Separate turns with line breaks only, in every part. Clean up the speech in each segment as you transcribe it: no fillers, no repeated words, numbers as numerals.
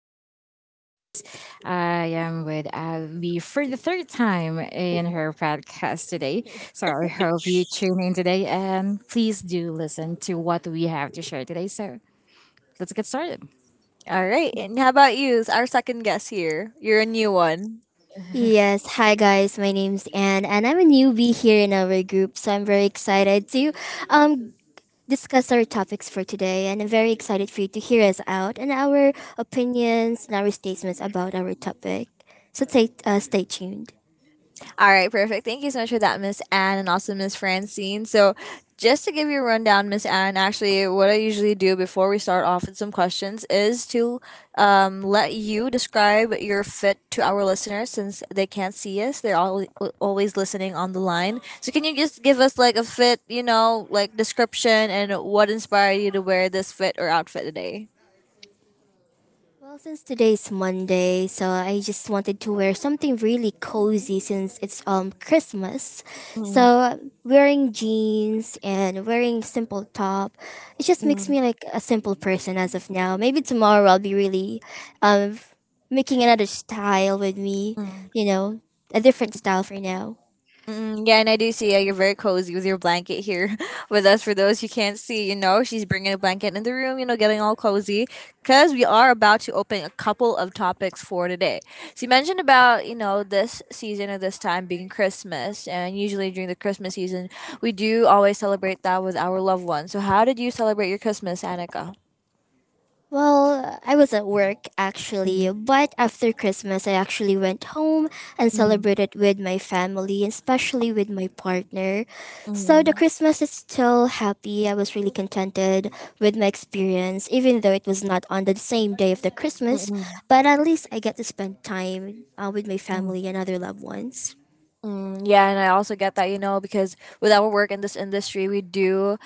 today's podcast. I am with Abby for the third time in her podcast today. So I hope you tune in today, and please do listen to what we have to share today. So let's get started.
All right, and how about you? Our second guest here. You're a new one.
Yes, hi guys. My name's Anne, and I'm a newbie here in our group, so I'm very excited to um discuss our topics for today, and I'm very excited for you to hear us out and our opinions and our statements about our topic. So stay tuned.
All right, perfect. Thank you so much for that, Miss Anne, and also Miss Francine. So, just to give you a rundown, Miss Anne, actually, what I usually do before we start off with some questions is to let you describe your fit to our listeners since they can't see us. They're all, always listening on the line. So, can you just give us like a fit, you know, like description and what inspired you to wear this fit or outfit today?
Well, since today's Monday, so I just wanted to wear something really cozy since it's Christmas.
Mm,
So wearing jeans and wearing simple top, it just makes me
mm,
like a simple person as of now. Maybe tomorrow I'll be really um making another style with me,
mm.
you know, a different style for now.
Mm, yeah, and I do see you're very cozy with your blanket here with us. For those who can't see, you know, she's bringing a blanket in the room, you know, getting all cozy because we are about to open a couple of topics for today. So you mentioned about, you know, this season at this time being Christmas, and usually during the Christmas season, we do always celebrate that with our loved ones. So, how did you celebrate your Christmas, Annika?
Well, I was at work actually, but after Christmas, I actually went home and
Mm,
celebrated with my family, especially with my partner. So the
mm,
Christmas is still happy. I was really contented with my experience, even though it was not on the same day of the
mm,
Christmas,
mm,
but at least I get to spend time with my
mm.
family and other loved ones.
Mm, yeah, and I also get that, you know, because with our work in this industry, we do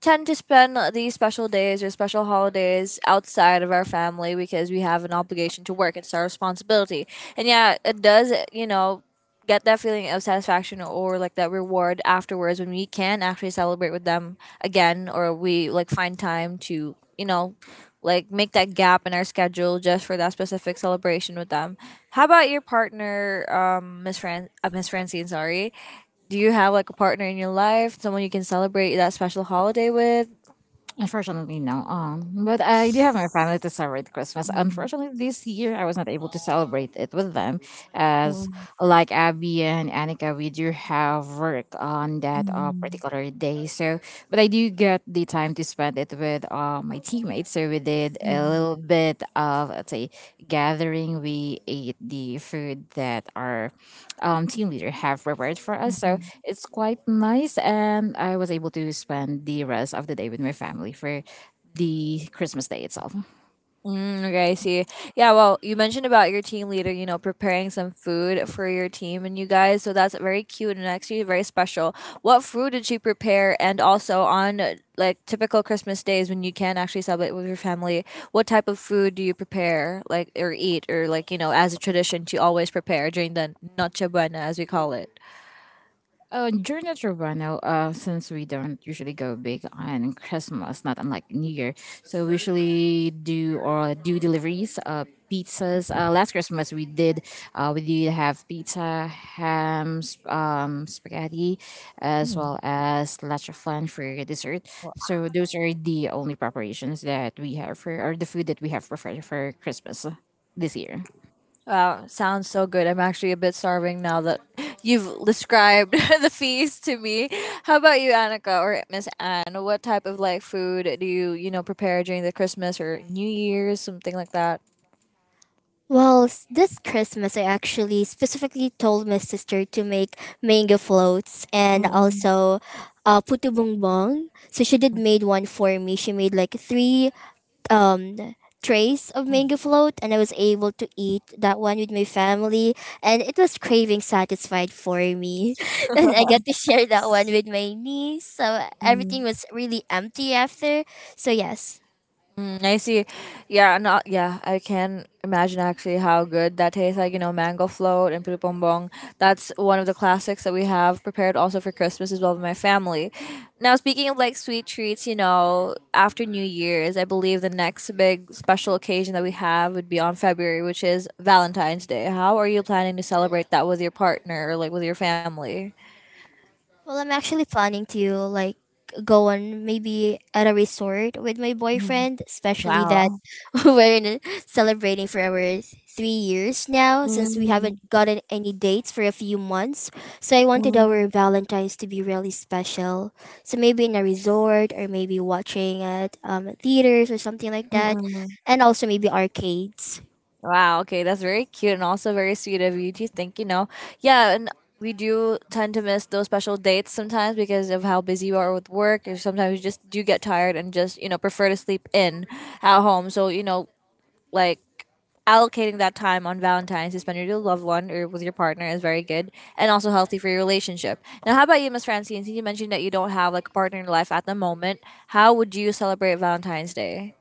tend to spend these special days or special holidays outside of our family because we have an obligation to work. It's our responsibility. And yeah, it does, you know, get that feeling of satisfaction or like that reward afterwards when we can actually celebrate with them again or we like find time to, you know, like make that gap in our schedule just for that specific celebration with them. How about your partner, Miss Francine? Sorry, do you have like a partner in your life, someone you can celebrate that special holiday with?
Unfortunately, no. But I do have my family to celebrate Christmas.
Mm,
Unfortunately, this year I was not able to celebrate it with them, as
mm,
like Abby and Annika, we do have work on that
mm,
particular day. So, but I do get the time to spend it with my teammates. So we did a
mm,
little bit of, let's say, gathering. We ate the food that our team leader have prepared for us. So
mhm.
it's quite nice. And I was able to spend the rest of the day with my family for the Christmas day itself.
Mm, okay, I see. Yeah, well, you mentioned about your team leader, you know, preparing some food for your team and you guys. So that's very cute and actually very special. What food did she prepare? And also on like typical Christmas days when you can actually celebrate with your family, what type of food do you prepare, like, or eat, or like, you know, as a tradition to always prepare during the Noche Buena, as we call it?
During the Toronto, since we don't usually go big on Christmas, not unlike New Year, so we usually do or do deliveries, pizzas. Last Christmas we did have pizza, ham, spaghetti, as
Mm.
well as leche flan for dessert. So those are the only preparations that we have for, or the food that we have prepared for Christmas this year.
Wow, sounds so good. I'm actually a bit starving now that you've described the feast to me. How about you, Annika or Miss Anne? What type of like food do you, you know, prepare during the Christmas or New Year's, something like that?
Well, this Christmas I actually specifically told my sister to make mango floats and
Mm-mm.
also putu bongbong. So she did made one for me. She made like three um trays of mango float, and I was able to eat that one with my family, and it was craving satisfied for me. And I got to share that one with my niece. So everything was really empty after. So yes.
Mm, I see. Yeah, no, yeah, I can imagine actually how good that tastes like. You know, mango float and puto bumbong. That's one of the classics that we have prepared also for Christmas as well with my family. Now, speaking of like sweet treats, you know, after New Year's, I believe the next big special occasion that we have would be on February, which is Valentine's Day. How are you planning to celebrate that with your partner or like with your family?
Well, I'm actually planning to like go on maybe at a resort with my
Mm,
boyfriend, especially that
wow.
we're in, celebrating for our 3 years now since we
Mm,
haven't gotten any dates for a few months. So I wanted
mm,
our Valentine's to be really special. So maybe in a resort, or maybe watching at theaters or something like
mm,
that,
mm.
and also maybe arcades.
Wow, okay, that's very cute and also very sweet of you to think, you know. Yeah, and we do tend to miss those special dates sometimes because of how busy you are with work, or sometimes you just do get tired and just, you know, prefer to sleep in at home. So, you know, like allocating that time on Valentine's to spend with your loved one or with your partner is very good and also healthy for your relationship. Now, how about you, Miss Francine? Since you mentioned that you don't have like a partner in your life at the moment, how would you celebrate Valentine's Day?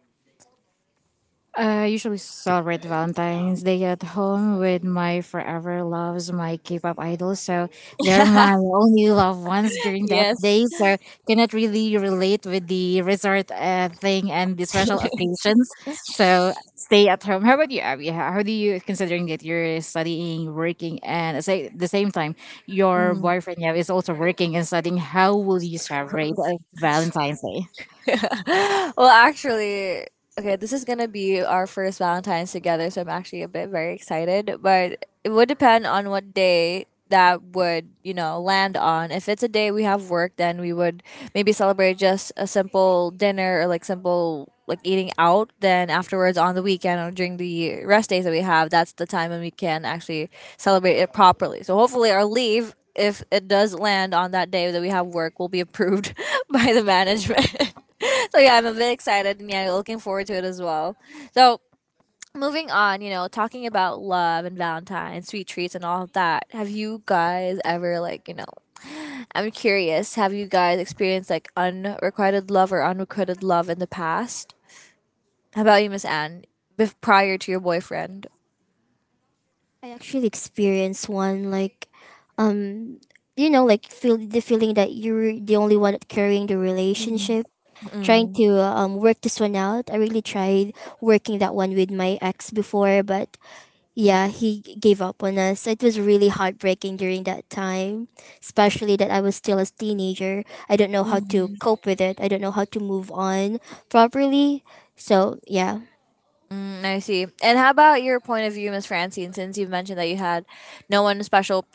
I usually celebrate Valentine's Day at home with my forever loves, my K-pop idols. So they're my only loved ones during that
Yes.
day. So cannot really relate with the resort thing and the special occasions. So stay at home. How about you, Abby? How do you, considering that you're studying, working, and at the same time your boyfriend, yeah, is also working and studying, how will you celebrate Valentine's Day?
Well, actually, okay, this is gonna be our first Valentine's together, so I'm actually a bit very excited. But it would depend on what day that would you know land on. If it's a day we have work, then we would maybe celebrate just a simple dinner or like simple like eating out. Then afterwards on the weekend or during the rest days that we have, that's the time when we can actually celebrate it properly. So hopefully our leave, if it does land on that day that we have work, will be approved by the management. So yeah, I'm a bit excited and yeah, looking forward to it as well. So moving on, you know, talking about love and Valentine, sweet treats and all of that. Have you guys ever like, you know, I'm curious, have you guys experienced like unrequited love or unrequited love in the past? How about you, Miss Anne? Prior to your boyfriend?
I actually experienced one like, um like, feel the feeling that you're the only one carrying the
Mm.
relationship, trying
Mm.
to work this one out. I really tried working that one with my ex before, but yeah, he gave up on us. It was really heartbreaking during that time, especially that I was still a teenager. I don't know how to
Mm,
cope with it, I don't know how to move on properly. So yeah.
I see. And how about your point of view, Miss Francine, since you mentioned that you had no one special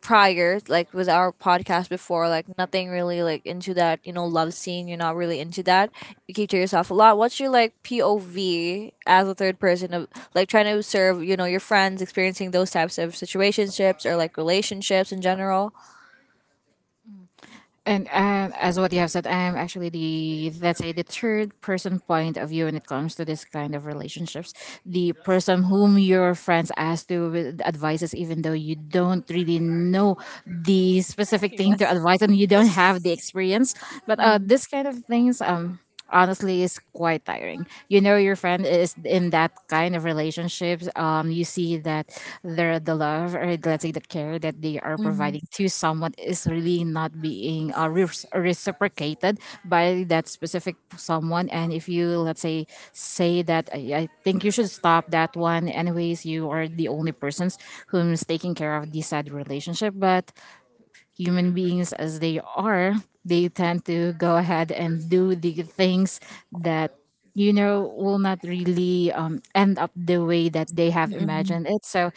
prior, like with our podcast before, like nothing really like into that, you know, love scene, you're not really into that, you keep to yourself a lot. What's your like POV as a third person of like trying to serve, you know, your friends experiencing those types of situationships or like relationships in general?
And as what you have said, I am actually the, let's say, the third person point of view when it comes to this kind of relationships. The person whom your friends ask to with advices, even though you don't really know the specific thing to
Yes.
advise and you don't have the experience. But
Mm,
this kind of things, honestly, it's quite tiring. Your friend is in that kind of relationships, you see that the love, or let's say the care, that they are
mm,
providing to someone is really not being reciprocated by that specific someone. And if you, let's say, say that, I think you should stop that one, anyways you are the only persons who's taking care of this sad relationship. But human beings as they are, they tend to go ahead and do the things that, you know, will not really end up the way that they have
mm-mm,
imagined it. So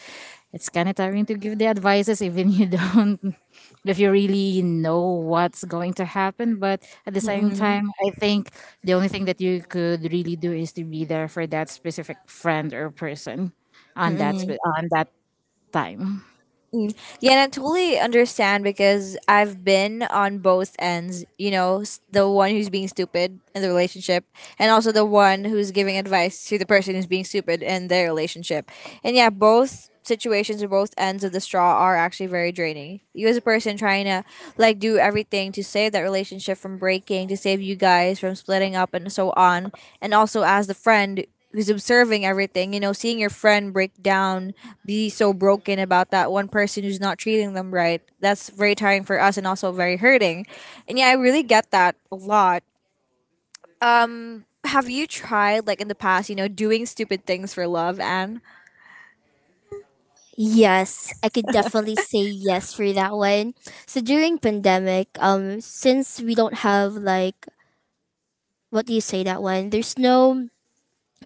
it's kind of tiring to give the advices, even you don't if you really know what's going to happen. But at the same
mm-mm.
time, I think the only thing that you could really do is to be there for that specific friend or person on that time.
Mm. Yeah, and I totally understand because I've been on both ends, you know, the one who's being stupid in the relationship and also the one who's giving advice to the person who's being stupid in their relationship. And yeah, both situations or both ends of the straw are actually very draining. You as a person trying to like do everything to save that relationship from breaking, to save you guys from splitting up and so on. And also as the friend who's observing everything, you know, seeing your friend break down, be so broken about that one person who's not treating them right. That's very tiring for us and also very hurting. And yeah, I really get that a lot. Have you tried like in the past, you know, doing stupid things for love, Anne?
Yes, I could definitely say yes for that one. So during pandemic, since we don't have like, what do you say that one? There's no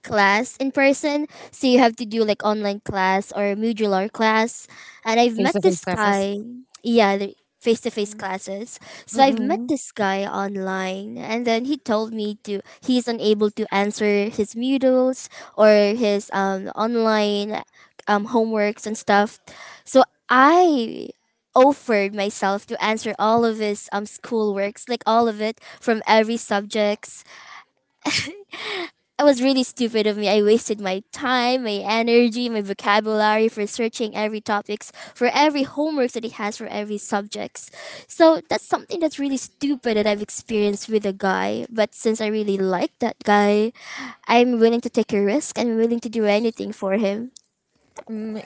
class in person. So you have to do like online class or modular class. And I've
Face to
met
face
this
classes.
guy. Yeah, the face to face classes. So I've met
Mm-mm.
this guy online, and then he told me to he's unable to answer his modules or his online homeworks and stuff. So I offered myself to answer all of his schoolworks, like all of it from every subjects. It was really stupid of me. I wasted my time, my energy, my vocabulary for searching every topics, for every homework that he has for every subjects. So that's something that's really stupid that I've experienced with a guy. But since I really like that guy, I'm willing to take a risk. I'm willing to do anything for him.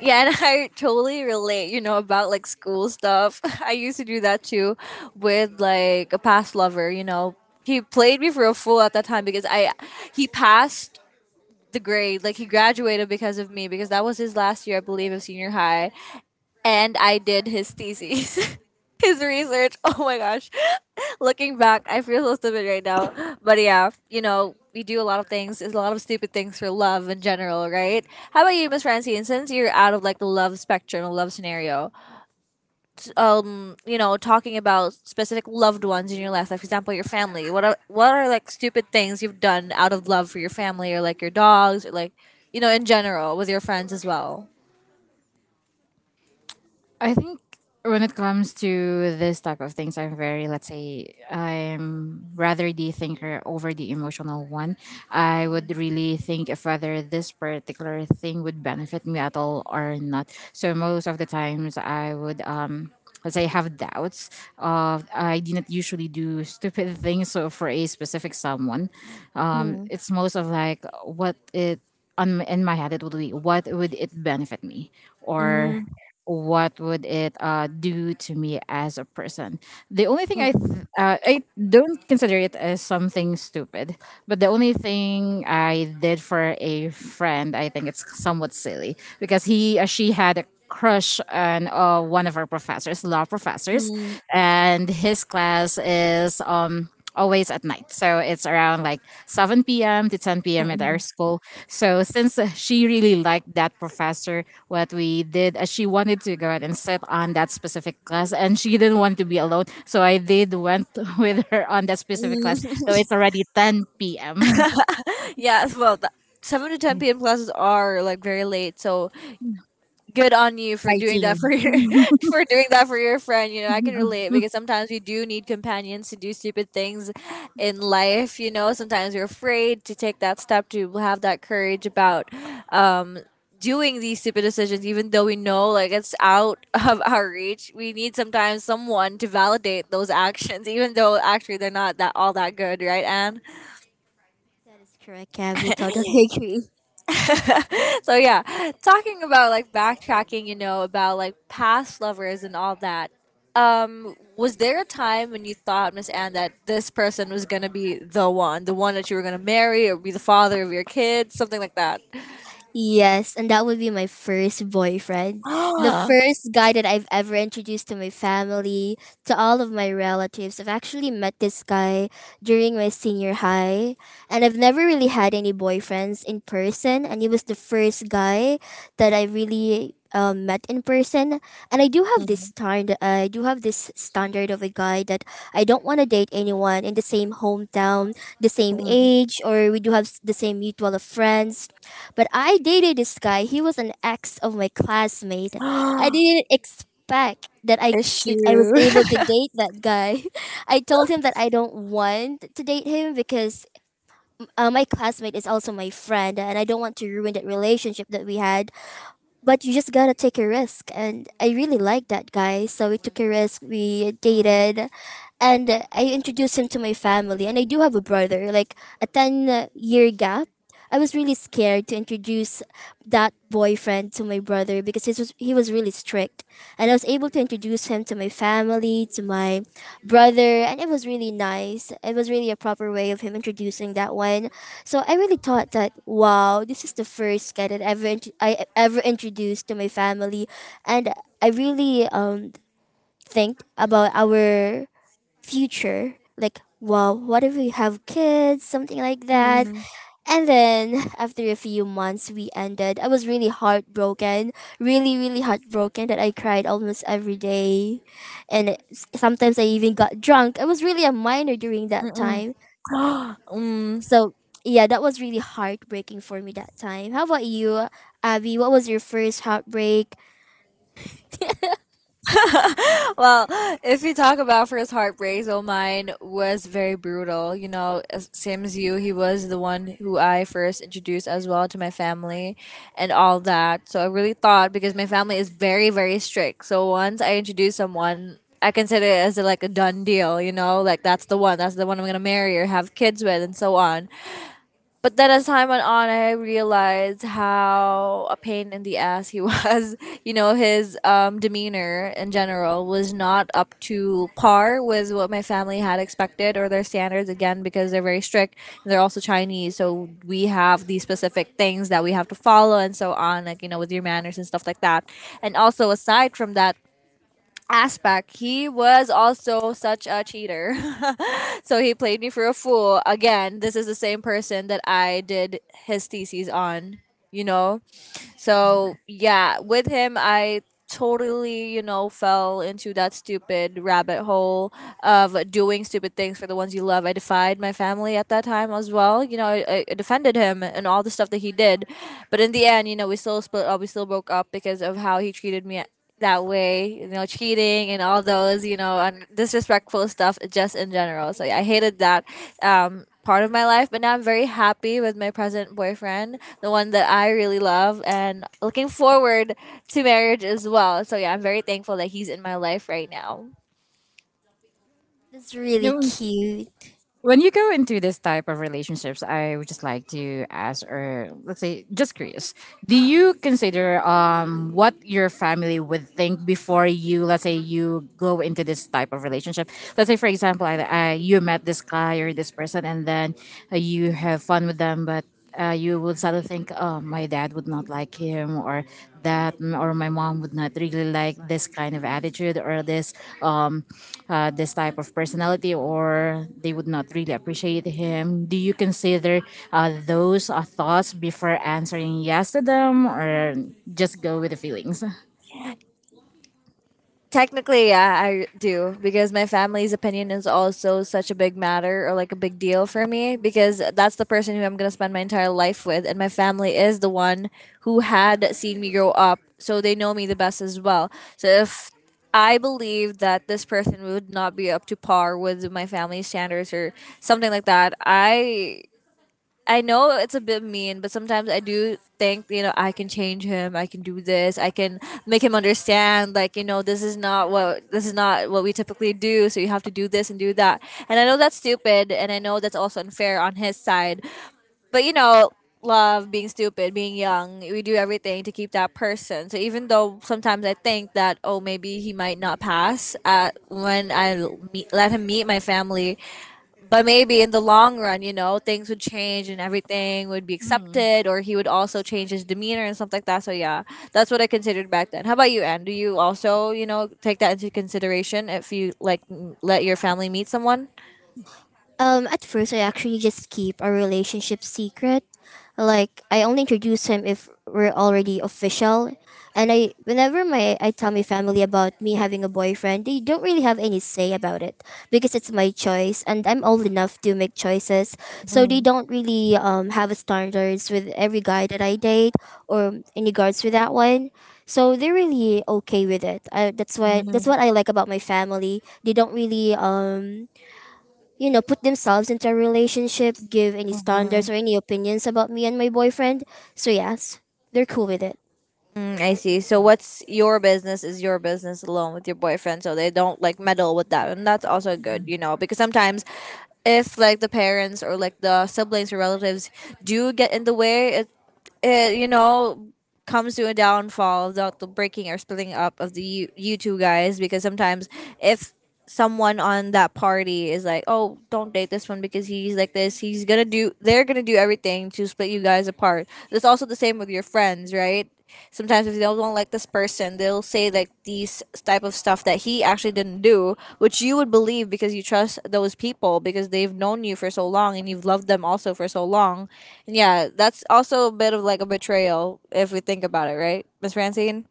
Yeah, and I totally relate, you know, about like school stuff. I used to do that too with like a past lover, you know. He played me for a fool at that time because I he passed the grade, like he graduated because of me because that was his last year, I believe, of senior high, and I did his thesis. His research. Oh my gosh. Looking back, I feel so stupid right now. But yeah, you know, we do a lot of things. It's a lot of stupid things for love in general, right? How about you, Miss Francine? Since you're out of like the love spectrum, the love scenario, you know, talking about specific loved ones in your life, like for example, your family. What are like stupid things you've done out of love for your family, or like your dogs, or like, you know, in general with your friends as well?
I think when it comes to this type of things, I'm very, let's say, I'm rather the thinker over the emotional one. I would really think if whether this particular thing would benefit me at all or not. So most of the times, I would, let's say, have doubts of I did not usually do stupid things. So for a specific someone,
Mm,
it's most of like what it on in my head it would be what would it benefit me, or
mm,
what would it do to me as a person. The only thing i
mm,
th- uh, i don't consider it as something stupid, but the only thing I did for a friend, I think it's somewhat silly because he she had a crush on one of our professors law professors,
mm,
and his class is always at night, so it's around like 7 p.m. to 10 p.m. at our
mm,
school. So since she really liked that professor, what we did she wanted to go out and sit on that specific class, and she didn't want to be alone, so I did went with her on that specific
mm,
class. So
mm.
it's already 10 p.m.
Yeah, well, the 7 to 10 p.m. classes are like very late. So good on you for doing that for
Fighting.
your for doing that for your friend. You know, I can relate because sometimes we do need companions to do stupid things in life. You know, sometimes you're afraid to take that step to have that courage about um, doing these stupid decisions, even though we know like it's out of our reach. We need sometimes someone to validate those actions, even though actually they're not that all that good, right, Anne?
That is correct, Cav. You totally agree.
So yeah, talking about like backtracking, you know, about like past lovers and all that. Was there a time when you thought, Miss Anne, that this person was gonna be the one that you were gonna marry or be the father of your kids, something like that?
Yes, and that would be my first boyfriend. The first guy that I've ever introduced to my family, to all of my relatives. I've actually met this guy during my senior high, and I've never really had any boyfriends in person, and he was the first guy that I really met in person. And I do have this standard. I do have this standard of a guy that I don't want to date anyone in the same hometown, the same
Mm.
age, or we do have the same mutual of friends, but I dated this guy. He was an ex of my classmate. I didn't expect that I was
Issue.
able to date that guy. I told him that I don't want to date him because my classmate is also my friend, and I don't want to ruin that relationship that we had. But you just gotta take a risk. And I really liked that guy. So we took a risk. We dated. And I introduced him to my family. And I do have a brother, like a 10-year gap. I was really scared to introduce that boyfriend to my brother because he was really strict, and I was able to introduce him to my family, to my brother, and it was really nice. It was really a proper way of him introducing that one. So I really thought that wow, this is the first guy that ever I ever introduced to my family, and I really think about our future, like wow, what if we have kids, something like that.
Mm,
And then after a few months we ended. I was really heartbroken, really, really heartbroken that I cried almost every day. And sometimes I even got drunk. I was really a minor during that
mm-mm.
time.
Mm.
So, yeah, that was really heartbreaking for me that time. How about you, Abby? What was your first heartbreak?
Well, if we talk about first heartbreaks, oh, mine was very brutal. You know, same as you, he was the one who I first introduced as well to my family and all that. So I really thought because my family is very, very strict. So once I introduce someone, I consider it as like a done deal, you know, like that's the one I'm gonna marry or have kids with, and so on. But then as time went on, I realized how a pain in the ass he was. You know, his demeanor in general was not up to par with what my family had expected or their standards, again, because they're very strict. And they're also Chinese, so we have these specific things that we have to follow and so on, like, you know, with your manners and stuff like that. And also, aside from that aspect, he was also such a cheater. So he played me for a fool. Again, this is the same person that I did his thesis on, you know? So, yeah, with him, I totally, fell into that stupid rabbit hole of doing stupid things for the ones you love. I defied my family at that time as well. You know, I defended him and all the stuff that he did. But in the end, you know, we still split up, we still broke up because of how he treated me that way, you know, cheating and all those, you know, and disrespectful stuff just in general. So yeah, I hated that part of my life, but now I'm very happy with my present boyfriend, the one that I really love, and looking forward to marriage as well. So yeah, I'm very thankful that he's in my life right now.
That's really
No,
cute.
when you go into this type of relationships, I would just like to ask, or let's say, just curious, do you consider what your family would think before you, let's say, you go into this type of relationship? Let's say, for example, you met this guy or this person, and then you have fun with them, but you would suddenly think, oh, my dad would not like him, or my mom would not really like this kind of attitude, or um, this type of personality, or they would not really appreciate him. Do you consider those thoughts before answering yes to them, or just go with the feelings?
Technically, yeah, I do because my family's opinion is also such a big matter or like a big deal for me because that's the person who I'm going to spend my entire life with. And my family is the one who had seen me grow up. So they know me the best as well. So if I believe that this person would not be up to par with my family standards or something like that, I know it's a bit mean, but sometimes I do think, you know, I can change him. I can do this. I can make him understand like, you know, this is not what this is not what we typically do, so you have to do this and do that. And I know that's stupid and I know that's also unfair on his side. But you know, love, being stupid, being young, we do everything to keep that person. So even though sometimes I think that oh maybe he might not pass at when I meet, let him meet my family, but maybe in the long run, you know, things would change and everything would be accepted, or he would also change his demeanor and stuff like that. So yeah, that's what I considered back then. How about you, Anne? Do you also, you know, take that into consideration if you like let your family meet someone?
At first, I actually just keep our relationship secret. Like, I only introduce him if we're already official. And whenever my I tell my family about me having a boyfriend, they don't really have any say about it because it's my choice, and I'm old enough to make choices. So they
Mm.
don't really have a standards with every guy that I date or in regards with that one. So they're really okay with it. I, that's why
Mm.
that's what I like about my family. They don't really put themselves into a relationship, give any
Mm.
standards or any opinions about me and my boyfriend. So yes, they're cool with it.
Mm. I see. So what's your business is your business alone with your boyfriend, so they don't like meddle with that, and that's also good, you know, because sometimes if like the parents or like the siblings or relatives do get in the way, it comes to a downfall without the breaking or splitting up of the you two guys. Because sometimes if someone on that party is like, oh, don't date this one because he's like this, he's gonna do, they're gonna do everything to split you guys apart. That's also the same with your friends, right? Sometimes if they don't like this person, they'll say like these type of stuff that he actually didn't do, which you would believe because you trust those people because they've known you for so long and you've loved them also for so long. And yeah, that's also a bit of like a betrayal if we think about it, right, Miss Francine?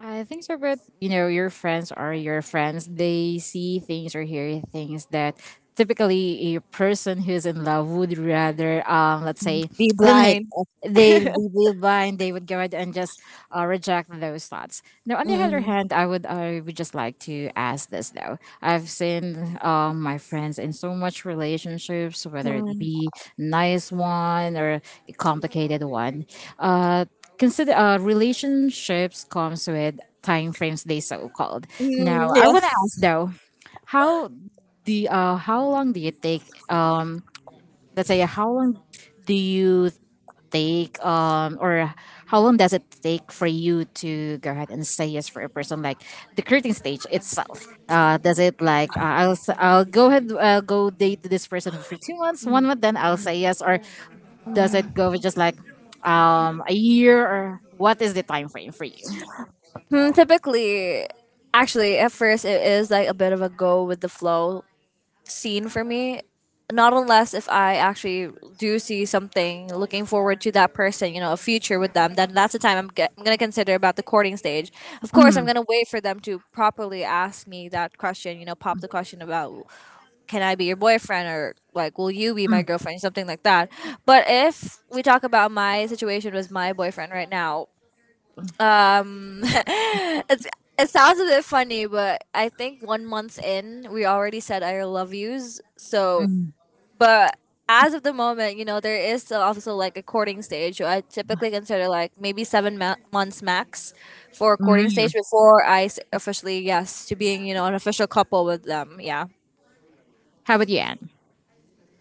I think so, but you know, your friends are your friends. They see things or hear things that typically a person who's in love would rather, let's say,
Be
eliminate.
blind.
They would be blind. They would go ahead and just reject those thoughts. Now, on the other
Mm.
hand, I would just like to ask this though. I've seen my friends in so much relationships, whether it
Mm.
be nice one or a complicated one. Uh, Consider relationships comes with time frames. They so called.
Mm,
Now I want to ask
yes.
though, how how long do you take? Let's say, how long do you take, or how long does it take for you to go ahead and say yes for a person, like the creating stage itself? Does it like, I'll go ahead, I'll go date this person for 2 months, one month, then I'll say yes? Or does it go
Mm.
with just like, a year? Or what is the time frame for you?
Hmm, typically, actually, at first it is like a bit of a go with the flow scene for me. Not unless if I actually do see something looking forward to that person, you know, a future with them, then that's the time I'm going to consider about the courting stage. Of course, I'm
Mm,
going to wait for them to properly ask me that question, you know, pop the question about can I be your boyfriend or like will you be my
mm,
girlfriend, something like that. But if we talk about my situation with my boyfriend right now, it's it sounds a bit funny, but I think 1 month in, we already said I love yous. So
mm,
but as of the moment, you know, there is still also like a courting stage. So I typically consider like maybe seven months max for a courting stage
mm.
before I officially, yes, to being, you know, an official couple with them. Yeah.
How about you, Anne?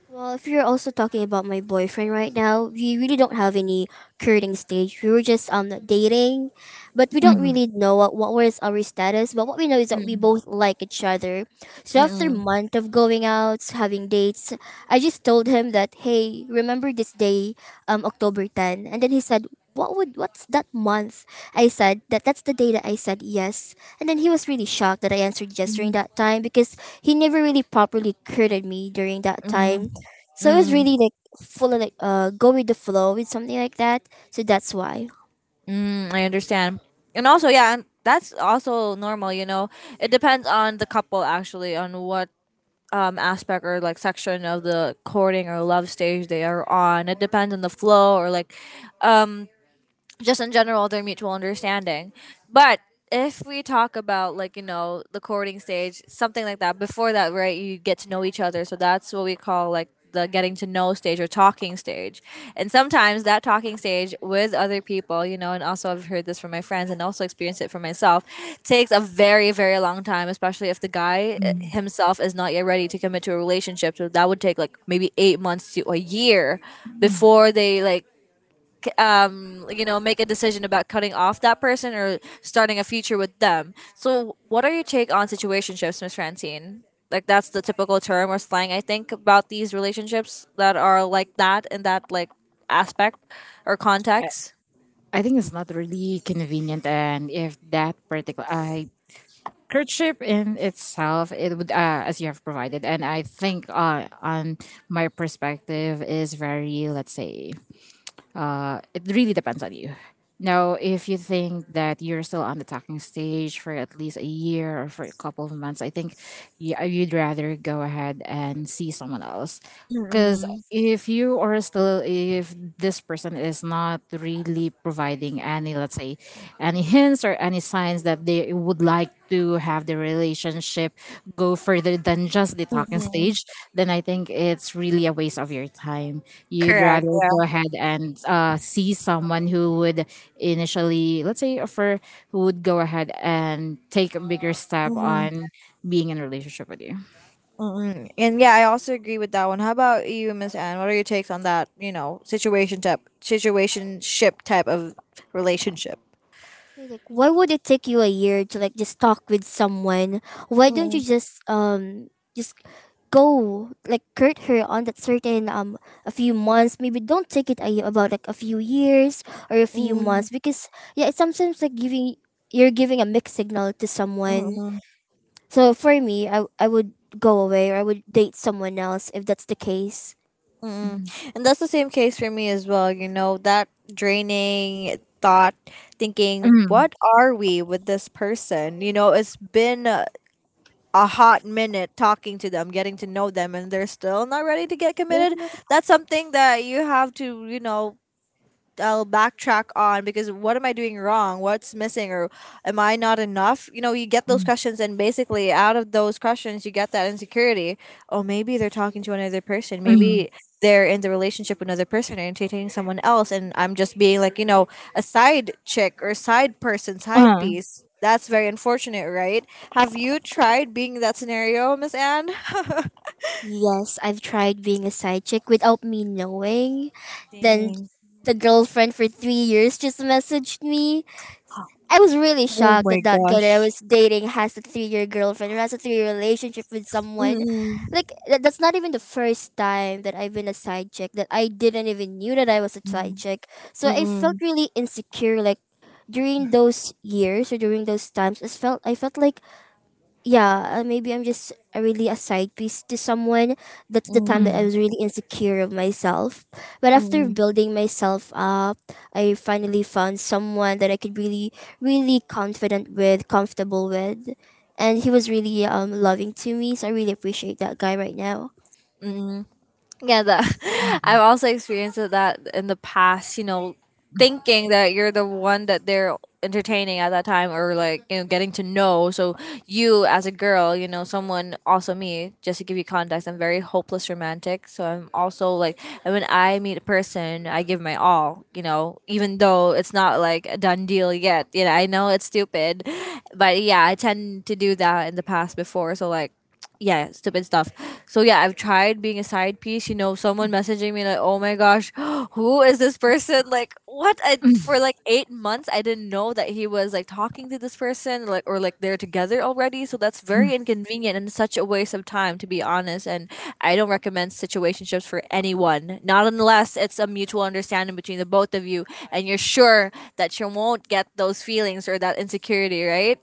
Well, if you're also talking about my boyfriend right now, we really don't have any courting stage. We were just dating, but we don't really
Mm,
know what was our status. But what we know is that we
Mm.
both like each other. So after
Mm.
month of going out, having dates, I just told him that hey, remember this day, October ten, and then he said. What's that month? I said that that's the day that I said yes, and then he was really shocked that I answered yes during
Mm.
that time because he never really properly courted me during that time,
Mm.
so it was really
Mm.
like full of like go with the flow with something like that. So that's why.
Mm, I understand. And also, yeah, and that's also normal, you know. It depends on the couple actually, on what aspect or like section of the courting or love stage they are on. It depends on the flow or like um just in general their mutual understanding. But if we talk about like, you know, the courting stage, something like that, before that, right, you get to know each other. So that's what we call like the getting to know stage or talking stage. And sometimes that talking stage with other people, you know, and also I've heard this from my friends and also experienced it for myself, takes a very, very long time, especially if the guy
mm,
himself is not yet ready to commit to a relationship. So that would take like maybe 8 months to a year
mm.
before they like, you know, make a decision about cutting off that person or starting a future with them. So what are your take on situationships, Miss Francine? Like, that's the typical term or slang I think about these relationships that are like that, in that like aspect or context.
I think it's not really convenient. And if that particular, I courtship in itself, it would, as you have provided, and I think, on my perspective, is very, let's say. It really depends on you. Now, if you think that you're still on the talking stage for at least a year or for a couple of months, I think you'd rather go ahead and see someone else. Because
Mm-mm.
if you are still, if this person is not really providing any, let's say, any hints or any signs that they would like to have the relationship go further than just the talking
Mm-mm.
stage, then I think it's really a waste of your time. You'd
Correct,
rather
yeah.
go ahead and see someone who would, initially, let's say, offer, who would go ahead and take a bigger step
Mm-mm.
on being in a relationship with you.
Mm-mm. And yeah, I also agree with that one. How about you, Miss Anne? What are your takes on that? You know, situation type, situationship type of relationship.
So, like, why would it take you a year to like just talk with someone? Why don't
Mm-mm.
you just go like court her on that certain a few months, maybe don't take it about like a few years or a few
Mm-mm.
months because yeah, it's sometimes like giving you're giving a mixed signal to someone. So for me, I would go away, or I would date someone else if that's the case.
Mm-mm.
Mm.
And that's the same case for me as well. You know, that draining thought, thinking,
Mm.
what are we with this person? You know, it's been a hot minute talking to them, getting to know them, and they're still not ready to get
It's
committed.
nice.
That's something that you have to, you know, I'll backtrack on because what am I doing wrong? What's missing or am I not enough? You know, you get those
Mm.
questions and basically out of those questions you get that insecurity. Oh, maybe they're talking to another person.
Mm.
Maybe they're in the relationship with another person or entertaining someone else and I'm just being like, you know, a side chick or side person, side
Uh,
piece. That's very unfortunate, right? Have you tried being in that scenario, Miss Anne?
Yes, I've tried being a side chick without me knowing. Then
Dang.
the girlfriend for 3 years just messaged me. I was really
Oh
shocked that
my
that guy
gosh.
that I was dating has a 3-year girlfriend or has a 3-year relationship with someone.
Mm-mm.
Like that, that's not even the first time that I've been a side chick that I didn't even knew that I was a side
Mm-mm.
chick. So I felt
Mm-mm.
really insecure. Like during those years or during those times, I felt like yeah, maybe I'm just really a side piece to someone. That's the time that I
mm.
was really insecure of myself. But after
Mm-mm.
building myself up, I finally found someone that I could really, really confident with, comfortable with. And he was really loving to me, so I really appreciate that guy right now.
Mm, yeah, that I've also experienced that in the past. You know, thinking that you're the one that they're entertaining at that time, or like, you know, getting to know. So you, as a girl, you know, someone also me. Just to give you context, I'm very hopeless romantic. So I'm also like, and when I meet a person, I give my all. You know, even though it's not like a done deal yet. You know, I know it's stupid, but yeah, I tend to do that in the past before. So like, yeah, stupid stuff. So yeah, I've tried being a side piece. You know, someone messaging me like, "Oh my gosh, who is this person?" Like, what? I for like 8 months, I didn't know that he was like talking to this person, like or like they're together already. So that's
Mm.
very inconvenient and such a waste of time, to be honest. And I don't recommend situationships for anyone, not unless it's a mutual understanding between the both of you, and you're sure that you won't get those feelings or that insecurity, right?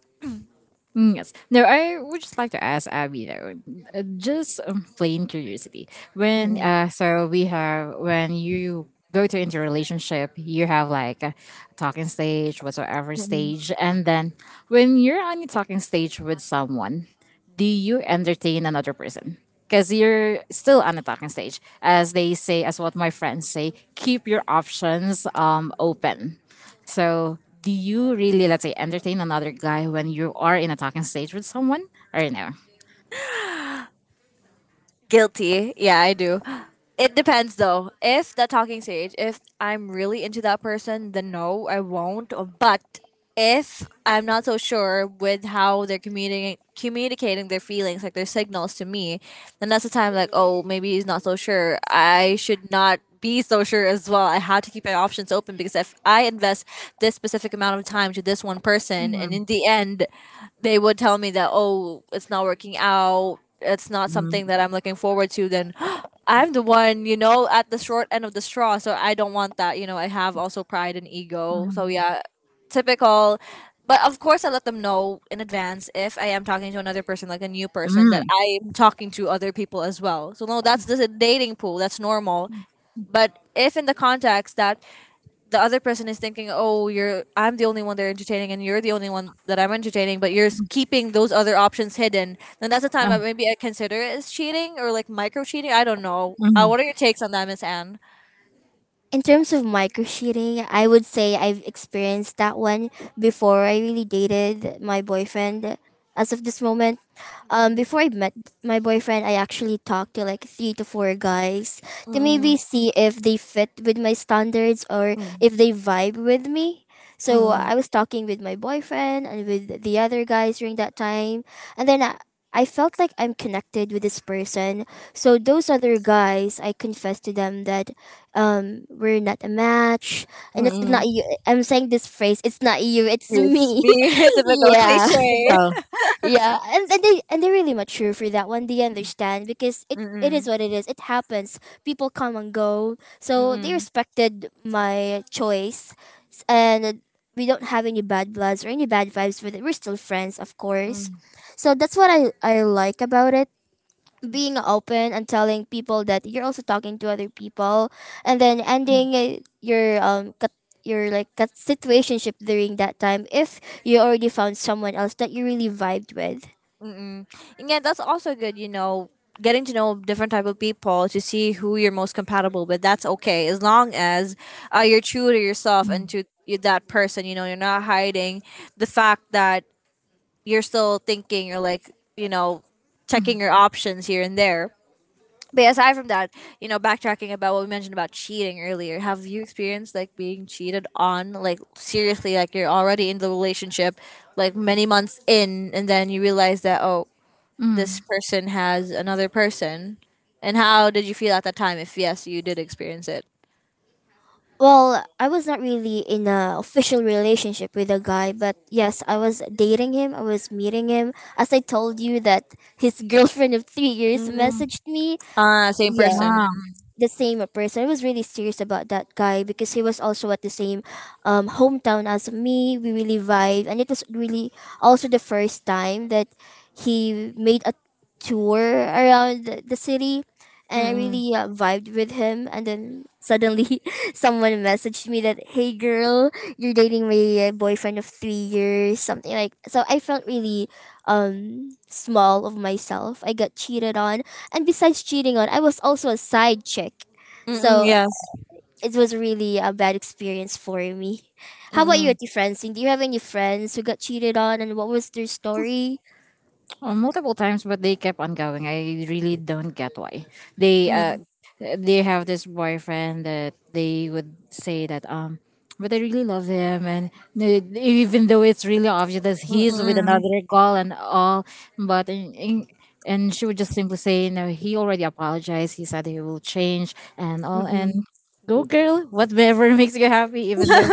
Mm, yes. No, I would just like to ask Abby though, just plain curiosity. When so we have when you go to into a relationship, you have like a talking stage, whatsoever
Mm-mm.
stage, and then when you're on a talking stage with someone, do you entertain another person? Because you're still on a talking stage, as they say, as what my friends say, keep your options open. So, do you really, let's say, entertain another guy when you are in a talking stage with someone, or no?
Guilty. Yeah, I do. It depends though. If the talking stage, if I'm really into that person, then no, I won't. But if I'm not so sure with how they're communicating their feelings, like their signals to me, then that's the time like, oh, maybe he's not so sure. I should not be so sure as well. I have to keep my options open because if I invest this specific amount of time to this one person, and
Mm,
in the end, they would tell me that oh, it's not working out, it's not
mm,
something that I'm looking forward to, then I'm the one, you know, at the short end of the straw. So I don't want that. You know, I have also pride and ego. So
mm,
yeah, typical. But of course, I let them know in advance if I am talking to another person, like a new person, that
mm,
I am talking to other people as well. So no, that's the dating pool. That's normal. But if in the context that the other person is thinking, "Oh, you're I'm the only one they're entertaining, and you're the only one that I'm entertaining," but you're keeping those other options hidden, then that's the time I
mm,
maybe I consider it as cheating or like micro cheating. I don't know. What are
mm.
your takes on that, Miss Anne?
In terms of micro cheating, I would say I've experienced that one before I really dated my boyfriend. As of this moment,
Mm,
before I met my boyfriend, I actually talked to like three to four guys to maybe
mm,
see if they fit with my standards or
mm,
if they vibe with me. So
mm,
I was talking with my boyfriend and with the other guys during that time, and then I felt like I'm connected with this person. So those other guys, I confessed to them that we're not a match, and it's not
mm.
you. I'm saying this phrase, it's not you, it's
It's
me.
me, typical
Yeah.
cliche.
Typical.
Yeah, and they're really mature for that one. They understand because it is
Mm-mm,
what it is. It happens. People come and go, so they
mm-mm,
respected my choice. And we don't have any bad bloods or any bad vibes with it. We're still friends, of course. So that's what I like about it, being open and telling people that you're also talking to other people, and then ending your your like situationship during that time if you already found someone else that you really vibed with.
mm-mm. And yeah, that's also good. You know, getting to know different type of people to see who you're most compatible with. That's okay as long as you're true to yourself
Mm,
and to that person. You know, you're not hiding the fact that you're still thinking. You're like, you know, Checking your options here and there. But yeah, aside from that, you know, backtracking about what we mentioned about cheating earlier, have you experienced like being cheated on? Like seriously, like you're already in the relationship, like many months in, and then you realize that oh, this
mm,
person has another person? And how did you feel at that time if yes, you did experience it?
Well, I was not really in a official relationship with a guy, but yes, I was dating him. I was meeting him. As I told you that his girlfriend of 3 years
Mm.
messaged me.
Ah, same
Yeah,
person.
mm.
the same person. I was really serious about that guy because he was also at the same hometown as me. We really vibe, and it was really also the first time that he made a tour around the city, and I
Mm-mm.
really vibed with him. And then suddenly, someone messaged me that, "Hey, girl, you're dating my boyfriend of 3 years," something like. So I felt really small of myself. I got cheated on, and besides cheating on, I was also a side chick.
Mm-mm,
So
yes.
it was really a bad experience for me. How about you,
Mm-mm.
Ati Francine? Do you have any friends who got cheated on and what was their story?
Multiple times, but they kept on going. I really don't get why they
Mm-mm.
uh they have this boyfriend, that they would say that, but I really love him, and even though it's really obvious that he's with another girl and all, but in, in, and she would just simply say, no, he already apologized. He said he will change and all, and
Mm-mm.
go girl, whatever makes you happy, even though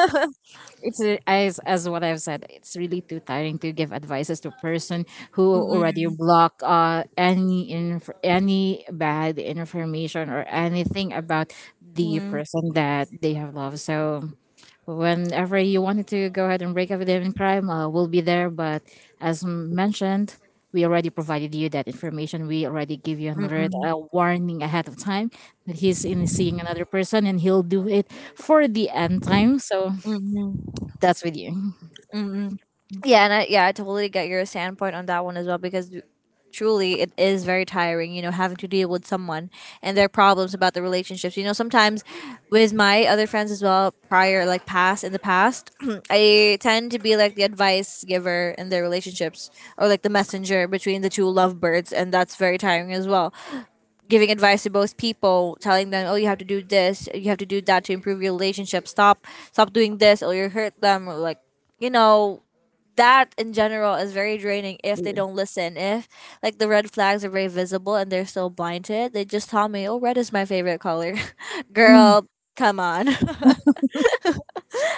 it's, as what I've said. It's really too tiring to give advices to a person who already
Mm-mm.
block any bad information or anything about the
Mm-mm.
person that they have loved. So whenever you wanted to go ahead and break up with them in crime, we'll be there. But as mentioned, we already provided you that information. We already give you an alert,
Mm-mm.
a warning ahead of time that he's in seeing another person, and he'll do it for the end time. So
Mm-mm.
that's with you.
Yeah, I totally get your standpoint on that one as well because truly it is very tiring, you know, having to deal with someone and their problems about the relationships. You know, sometimes with my other friends as well, prior like past in the past, I tend to be like the advice giver in their relationships or like the messenger between the two lovebirds, and that's very tiring as well. Giving advice to both people, telling them, "Oh, you have to do this, you have to do that to improve your relationship. Stop doing this or you hurt them." Or like you know that in general is very draining if they don't listen. If like the red flags are very visible and they're still blind to it, they just tell me, "Oh, red is my favorite color."
Mm,
Girl, come on.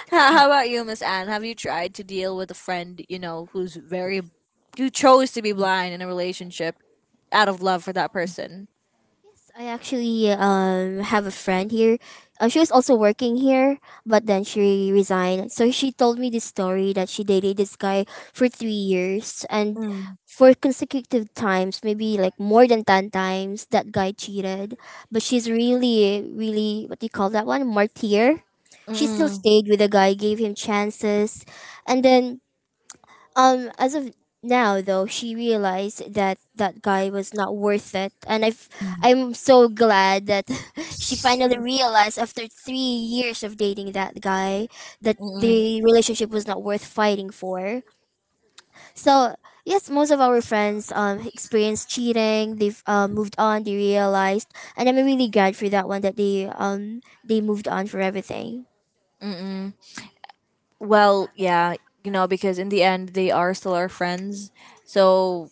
How about you, Miss Anne? Have you tried to deal with a friend you know who's very you chose to be blind in a relationship out of love for that person?
Yes, I actually have a friend here. She was also working here, but then she resigned. So she told me this story that she dated this guy for 3 years, and
Mm,
for consecutive times, maybe like more than 10 times, that guy cheated. But she's really, really, what do you call that one? Martyr. She still
mm,
stayed with the guy, gave him chances, and then as of now, though, she realized that that guy was not worth it, and I'm so glad that she finally realized after 3 years of dating that guy that
mm,
the relationship was not worth fighting for. So yes, most of our friends experienced cheating. They've moved on. They realized, and I'm really glad for that one that they moved on for everything.
mm. Well, yeah, you know, because in the end, they are still our friends. So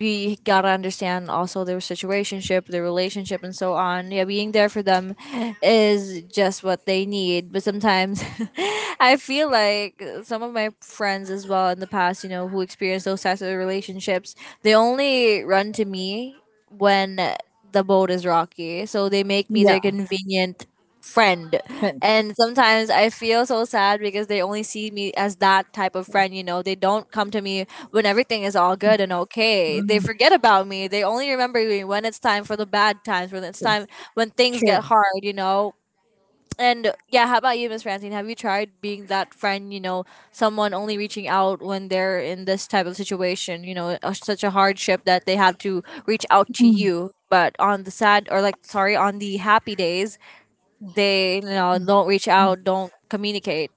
we gotta understand also their situationship, their relationship, and so on. Yeah, being there for them is just what they need. But sometimes I feel like some of my friends as well in the past, you know, who experienced those types of relationships, they only run to me when the boat is rocky. So they make me
yeah.
their convenient friend.
but-
And sometimes I feel so sad because they only see me as that type of friend, you know. They don't come to me when everything is all good and okay. They
Mm,
forget about me. They only remember me when it's time for the bad times, when it's time when things
true.
get hard, you know. And yeah, how about you, Miss Francine? Have you tried being that friend, you know, someone only reaching out when they're in this type of situation, you know, such a hardship that they have to reach out to
Mm.
you? But on the sad or like, sorry, on the happy days, they, you know, don't reach out, don't communicate.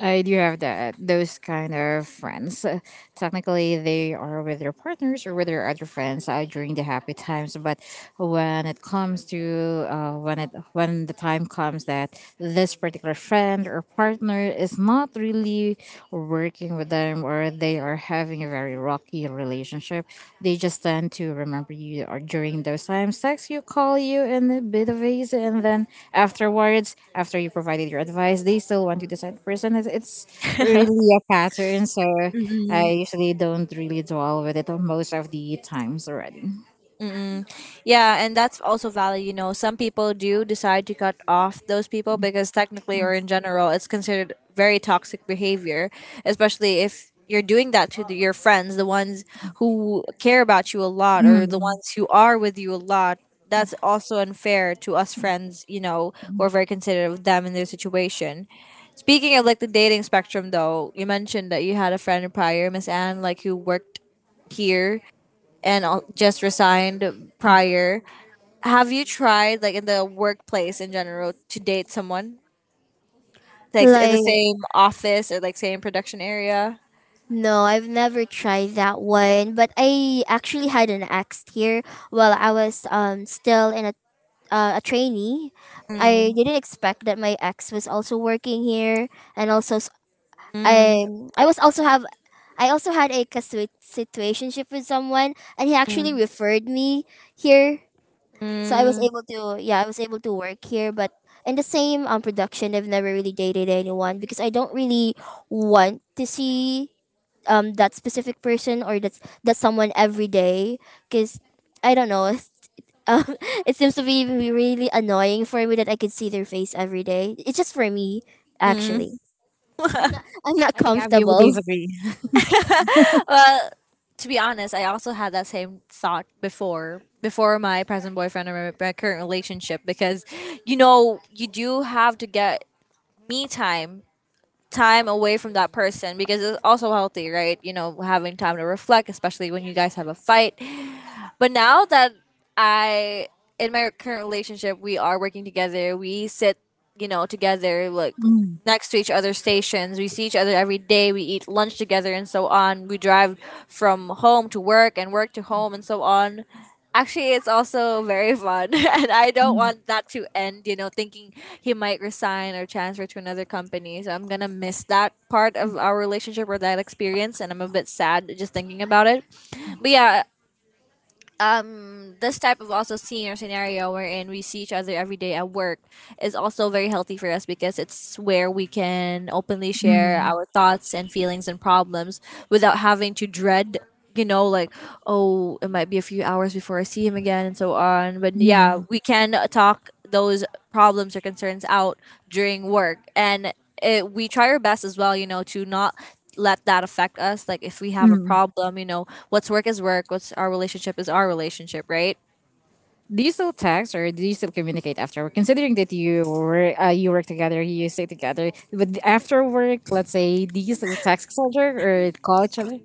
I do have that. Those kind of friends. Technically, they are with their partners or with their other friends during the happy times. But when it comes to when the time comes that this particular friend or partner is not really working with them, or they are having a very rocky relationship. They just tend to remember you or during those times. Text you, call you in a bit of ease, and then afterwards, after you provided your advice, they still want you to decide the person. It's really a pattern, so I usually don't really dwell with it on most of the times already.
Mm-mm. Yeah, and that's also valid. You know, some people do decide to cut off those people because technically or in general, it's considered very toxic behavior, especially if you're doing that to your friends, the ones who care about you a lot or the
Mm.
ones who are with you a lot. That's also unfair to us friends, you know, who are very considerate of them and their situation. Speaking of like the dating spectrum, though, you mentioned that you had a friend prior, Miss Anne, like who worked here and just resigned prior. Have you tried, like in the workplace in general, to date someone? Like in the
Like.
same office or like same production area?
No, I've never tried that one, but I actually had an ex here while I was still in a trainee. I
Mm,
didn't expect that my ex was also working here, and
mm,
I I was also have I also had a situationship with someone, and he actually
mm,
referred me here, so I was
mm,
able to, yeah, I was able to work here, but. In the same production, I've never really dated anyone because I don't really want to see that specific person or that someone every day because I don't know. um, it seems to be really, really annoying for me that I could see their face every day. It's just for me, actually.
mm.
I'm not
I think Abby would
comfortable.
disagree.
Well, to be honest, I also had that same thought before my present boyfriend, or my current relationship because you know you do have to get me time time away from that person because it's also healthy, right? You know, having time to reflect, especially when you guys have a fight. But now that I in my current relationship, we are working together. We sit, you know, together like
Mm,
next to each other's stations. We see each other every day. We eat lunch together and so on. We drive from home to work and work to home and so on. Actually, it's also very fun, and I don't
mm,
want that to end. You know, thinking he might resign or transfer to another company, so I'm gonna miss that part of our relationship or that experience, and I'm a bit sad just thinking about it. But yeah, this type of also scene or scenario wherein we see each other every day at work is also very healthy for us because it's where we can openly share
mm,
our thoughts and feelings and problems without having to dread you know like oh it might be a few hours before I see him again and so on, but yeah,
mm,
we can talk those problems or concerns out during work, and it, we try our best as well you know to not let that affect us. Like if we have a
mm.
problem, you know, what's work is work, what's our relationship is our relationship, right?
Do you still text or do you still communicate after work? Considering that you work together, you stay together, but after work, let's say, do you still text each other or call each other?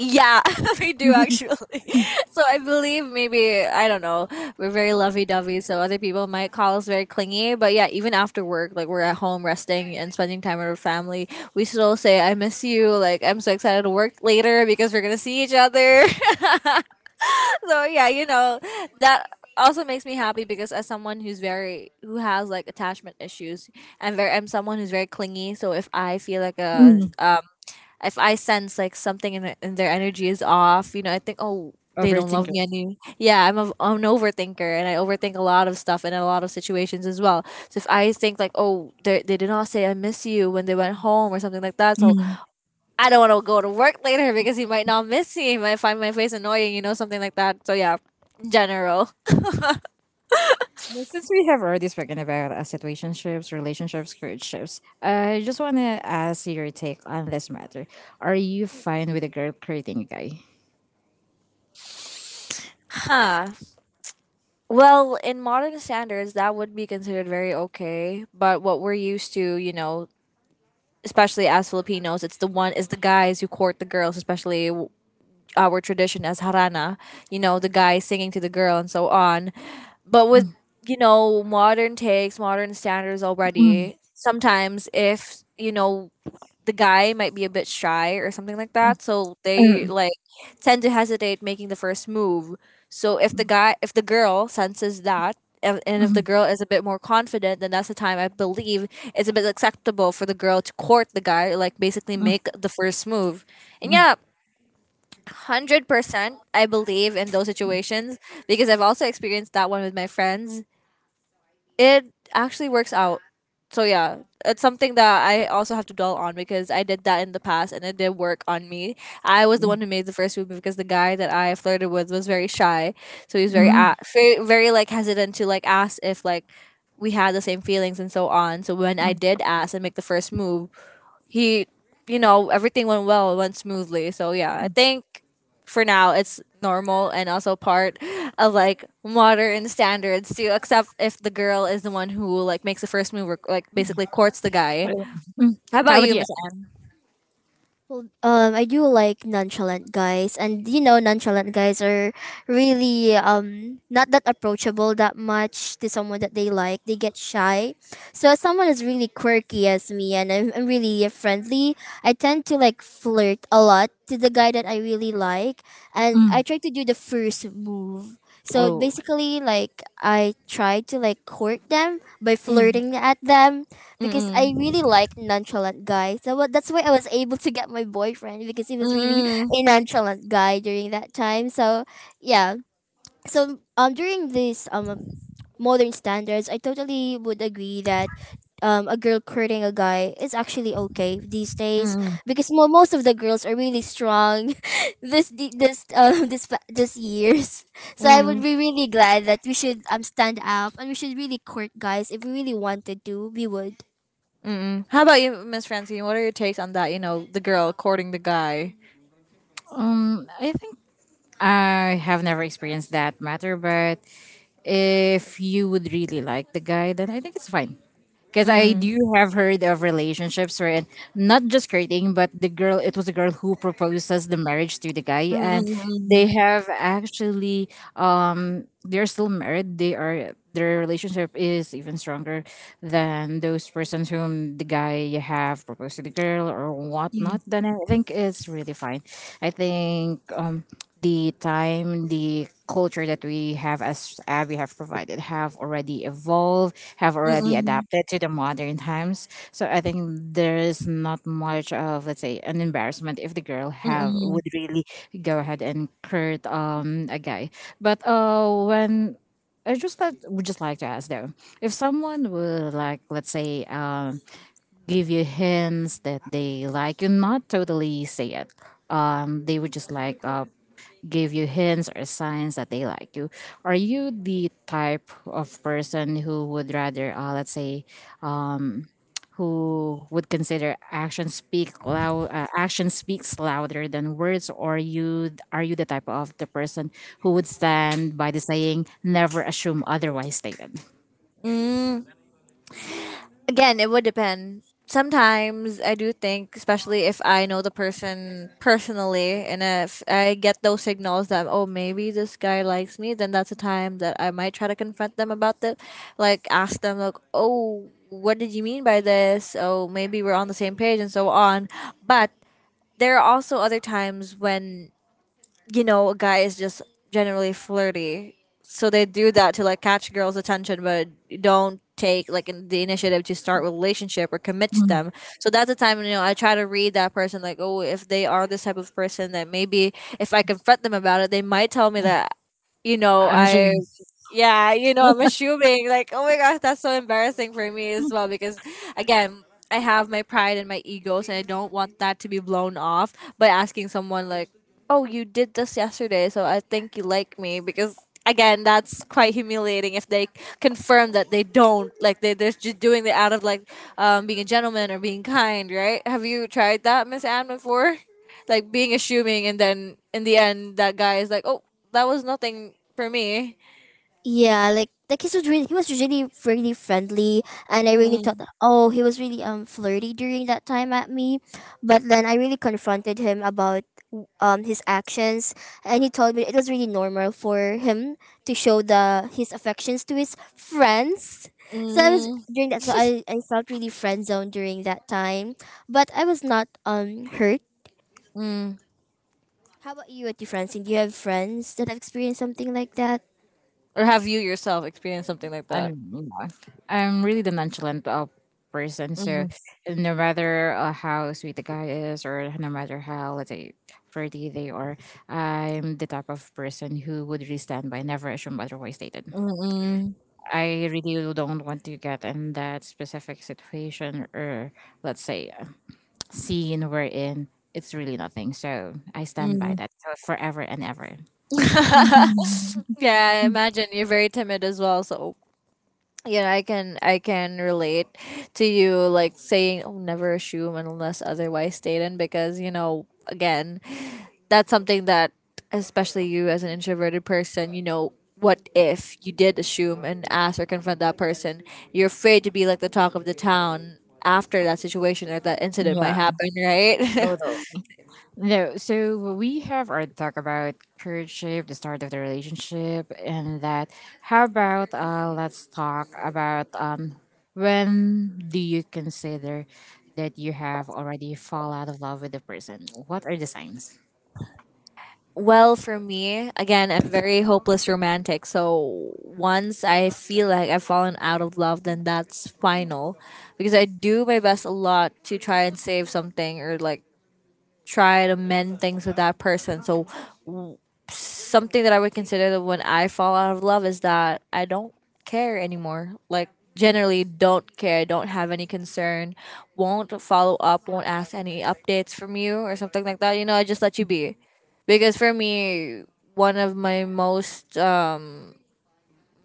Yeah, we do actually. So I believe maybe I don't know. We're very lovey-dovey, so other people might call us very clingy. But yeah, even after work, like we're at home resting and spending time with our family, we still say, "I miss you." Like I'm so excited to work later because we're gonna see each other. So yeah, you know, that also makes me happy because as someone who's very who has like attachment issues, I'm very I'm someone who's very clingy. So if I feel like a
Mm.
if I sense like something in their energy is off, you know, I think oh they don't love
Overthinker.
me anymore. Yeah, I'm an overthinker and I overthink a lot of stuff and a lot of situations as well. So if I think like, oh, they did not say I miss you when they went home or something like that, so
Mm.
I don't want to go to work later because he might not miss me. He might find my face annoying, you know, something like that. So yeah, general.
Well, since we have already spoken about situationships, relationships, courtships, I just want to ask your take on this matter. Are you fine with a girl courting a guy?
Huh. Well, in modern standards, that would be considered very okay. But what we're used to, you know, especially as Filipinos, it's the one is the guys who court the girls, especially our tradition as harana. You know, the guy singing to the girl and so on. But with you know modern takes, modern standards
Mm.
already. Sometimes if you know the guy might be a bit shy or something like that so they
Mm.
like tend to hesitate making the first move, so if the girl senses that, and if the
Mm.
girl is a bit more confident, then that's the time I believe it's a bit acceptable for the girl to court the guy, like basically
Mm.
make the first move. And
Mm.
yeah, 100% I believe in those situations because I've also experienced that one with my friends, it actually works out. So yeah, it's something that I also have to dwell on because I did that in the past and it did work on me. I was the one who made the first move because the guy that I flirted with was very shy, so he was very
Mm.
very like hesitant to like ask if like we had the same feelings and so on. So when I
Mm.
did ask and make the first move, he, you know, everything went well, went smoothly. So yeah, I think for now it's normal and also part of like modern standards. To except if the girl is the one who like makes the first move or like basically courts the guy. How
How
about
about
you,
you?
Miss Anne?
Well, I do like nonchalant guys, and nonchalant guys are really not that approachable that much to someone that they like. They get shy. So as someone is really quirky as me, and I'm really friendly, I tend to like flirt a lot to the guy that I really like, and I
Mm.
try to do the first move. So
Oh,
basically, like, I try to like court them by
Mm.
flirting at them because I
Mm-mm.
really like nonchalant guys. So that's why I was able to get my boyfriend because he was really
Mm-mm.
a nonchalant guy during that time. So yeah. So during this modern standards, I totally would agree that a girl courting a guy is actually okay these days
Mm-mm.
because most of the girls are really strong this the- this this years. So I would
Mm-mm.
be really glad that we should stand up, and we should really court guys if we really wanted to. We would.
Mm-mm. How about you, Miss Francine? What are your takes on that? You know, the girl courting the guy.
I think I have never experienced that matter, but if you would really like the guy, then I think it's fine. Because I
Mm.
do have heard of relationships where not just flirting, but the girl, it was a girl who proposes the marriage to the guy, and they
Mm-mm.
have actually, they're still married. They are their relationship is even stronger than those persons whom the guy have proposed to the girl or
Mm-mm.
whatnot. Then I think it's really perfectly fine. I think the time, the culture that we have as we have provided have already evolved, have already
Mm-mm.
adapted to the modern times. So I think there is not much of, let's say, an embarrassment if the girl have
Mm-mm.
would really go ahead and court a guy. But when I just like would just like to ask, though, if someone would like, let's say, give you hints that they like you, not totally say it, they would just like give you hints or signs that they like you. Are you the type of person who would rather, let's say, um who would consider action speak loud action speaks louder than words, or you the type of the person who would stand by the saying, never assume otherwise stated?
Mm-mm. Again, it would depend. Sometimes I do think, especially if I know the person personally, and if I get those signals that oh maybe this guy likes me, then that's a time that I might try to confront them about it, like ask them like oh what did you mean by this? Oh maybe we're on the same page and so on. But there are also other times when a guy is just generally flirty. So they do that to like catch girls' attention, but don't take like the initiative to start a relationship or commit to them. So that's the time I try to read that person like, oh, if they are this type of person, that maybe if I confront them about it, they might tell me that you know
I'm
I
assuming.
yeah, I'm assuming like, oh my gosh, that's so embarrassing for me as well because again, I have my pride and my egos and I don't want that to be blown off by asking someone like, "Oh, you did this yesterday, so I think you like me," because again, that's quite humiliating if they confirm that they don't, like, they're just doing it out of like, being a gentleman or being kind, right? Have you tried that, Miss Anne, before? Like being assuming and then in the end that guy is like, "Oh, that was nothing for me."
Yeah, like he was really, really friendly, and I really thought that, oh, he was really flirty during that time at me, but then I really confronted him about his actions, and he told me it was really normal for him to show the his affections to his friends. So I was
Mm,
during that, so I felt really friend zoned during that time, but I was not hurt.
mm.
How about you, Auntie Francine? Do you have friends that have experienced something like that?
Or have you yourself experienced something like
I'm,
that?
you know, I'm really the nonchalant person. So
Mm,
no matter how sweet the guy is, or no matter how, let's say, pretty they are, I'm the type of person who would really stand by, never assume otherwise stated.
mm, mm,
I really don't want to get in that specific situation or, let's say, scene we're in. It's really nothing. So I stand by
mm.
that so forever and ever.
Yeah, I imagine you're very timid as well. So I can relate to you like saying oh, never assume unless otherwise stated, because again, that's something that, especially you as an introverted person, what if you did assume and ask or confront that person? You're afraid to be like the talk of the town after that situation or that incident might
Yeah.
happen, right?
Totally. No, so we have our talk about courtship, the start of the relationship, and that. How about let's talk about when do you consider that you have already fall out of love with the person? What are the signs?
Well, for me, again, I'm very hopeless romantic. So once I feel like I've fallen out of love, then that's final. Because I do my best a lot to try and save something or like try to mend things with that person. So something that I would consider that when I fall out of love is that I don't care anymore. Like generally don't care, don't have any concern, won't follow up, won't ask any updates from you or something like that. I just let you be. Because for me, one of my most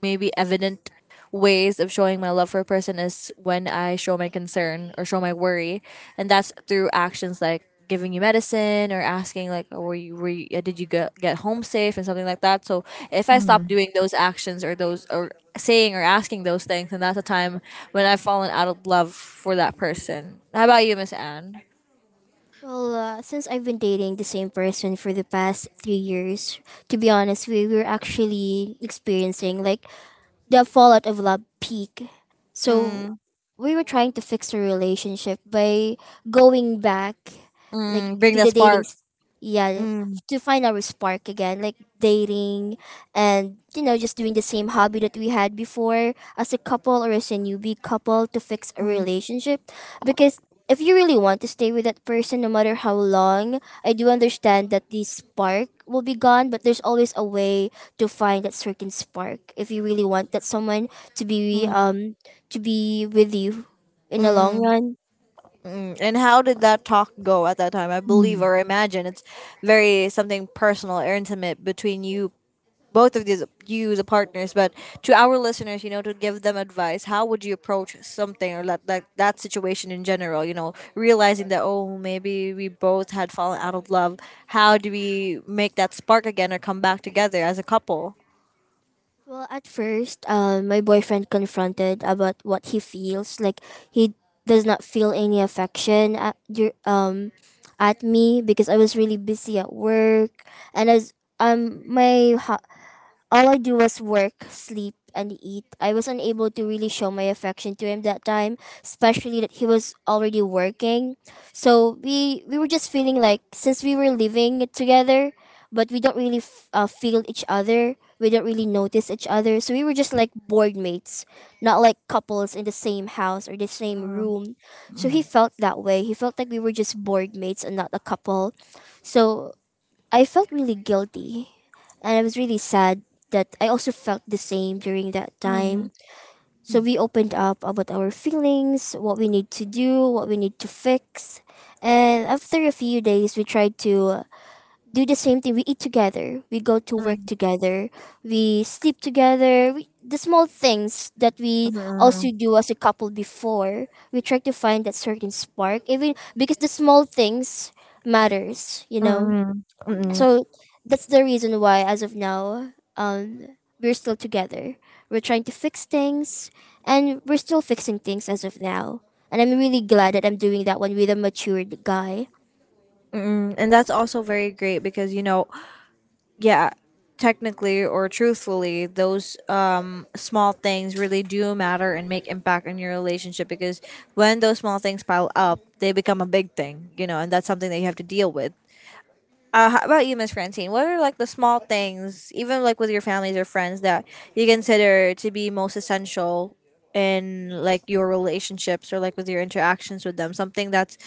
maybe evident ways of showing my love for a person is when I show my concern or show my worry, and that's through actions like giving you medicine or asking like, oh, did you get home safe and something like that. So if I stop
Mm,
doing those actions or those or saying or asking those things, then that's a time when I've fallen out of love for that person. How about you, Miss Anne?
Well, since I've been dating the same person for the past 3 years, to be honest, we were actually experiencing like the fallout of love peak. So
Mm,
we were trying to fix our relationship by going back, like,
mm, bring
to
that
the dating.
spark.
Yeah,
Mm,
to find our spark again, like dating, and just doing the same hobby that we had before as a couple or as a newbie couple to fix a
mm,
relationship because if you really want to stay with that person no matter how long. I do understand that the spark will be gone, but there's always a way to find that certain spark if you really want that someone to
mm,
be
mm.
um to be with you in the long
Mm.
run.
Mm, and how did that talk go at that time? I believe
mm,
or imagine it's very something personal or intimate between you, both of these, you, the partners. But to our listeners, to give them advice, how would you approach something or that situation in general? Realizing that, oh, maybe we both had fallen out of love. How do we make that spark again or come back together as a couple?
Well, at first, my boyfriend confronted about what he feels. Like, he does not feel any affection at me because I was really busy at work, and um my ho- all I do was work, sleep, and eat. I was unable to really show my affection to him that time, especially that he was already working. So we were just feeling like since we were living together, but we don't really feel each other. We don't really notice each other. So we were just like board mates, not like couples in the same house or the same
Mm,
room. So he
mm.
felt that way. He felt like we were just board mates and not a couple. So I felt really guilty, and I was really sad that I also felt the same during that
mm,
time. So we opened up about our feelings, what we need to do, what we need to fix. And after a few days, we tried to do the same thing. We eat together, we go to work
mm,
together, we sleep together. We, the small things that we
mm,
also do as a couple before, we try to find that certain spark, even because the small things matters,
mm, mm,
so that's the reason why, as of now, we're still together. We're trying to fix things, and we're still fixing things as of now. And I'm really glad that I'm doing that one with a matured guy.
mm. And that's also very great because yeah, technically or truthfully those small things really do matter and make impact in your relationship, because when those small things pile up they become a big thing, and that's something that you have to deal with. How about you, Miss Francine, what are like the small things, even like with your families or friends, that you consider to be most essential in like your relationships or like with your interactions with them, something that's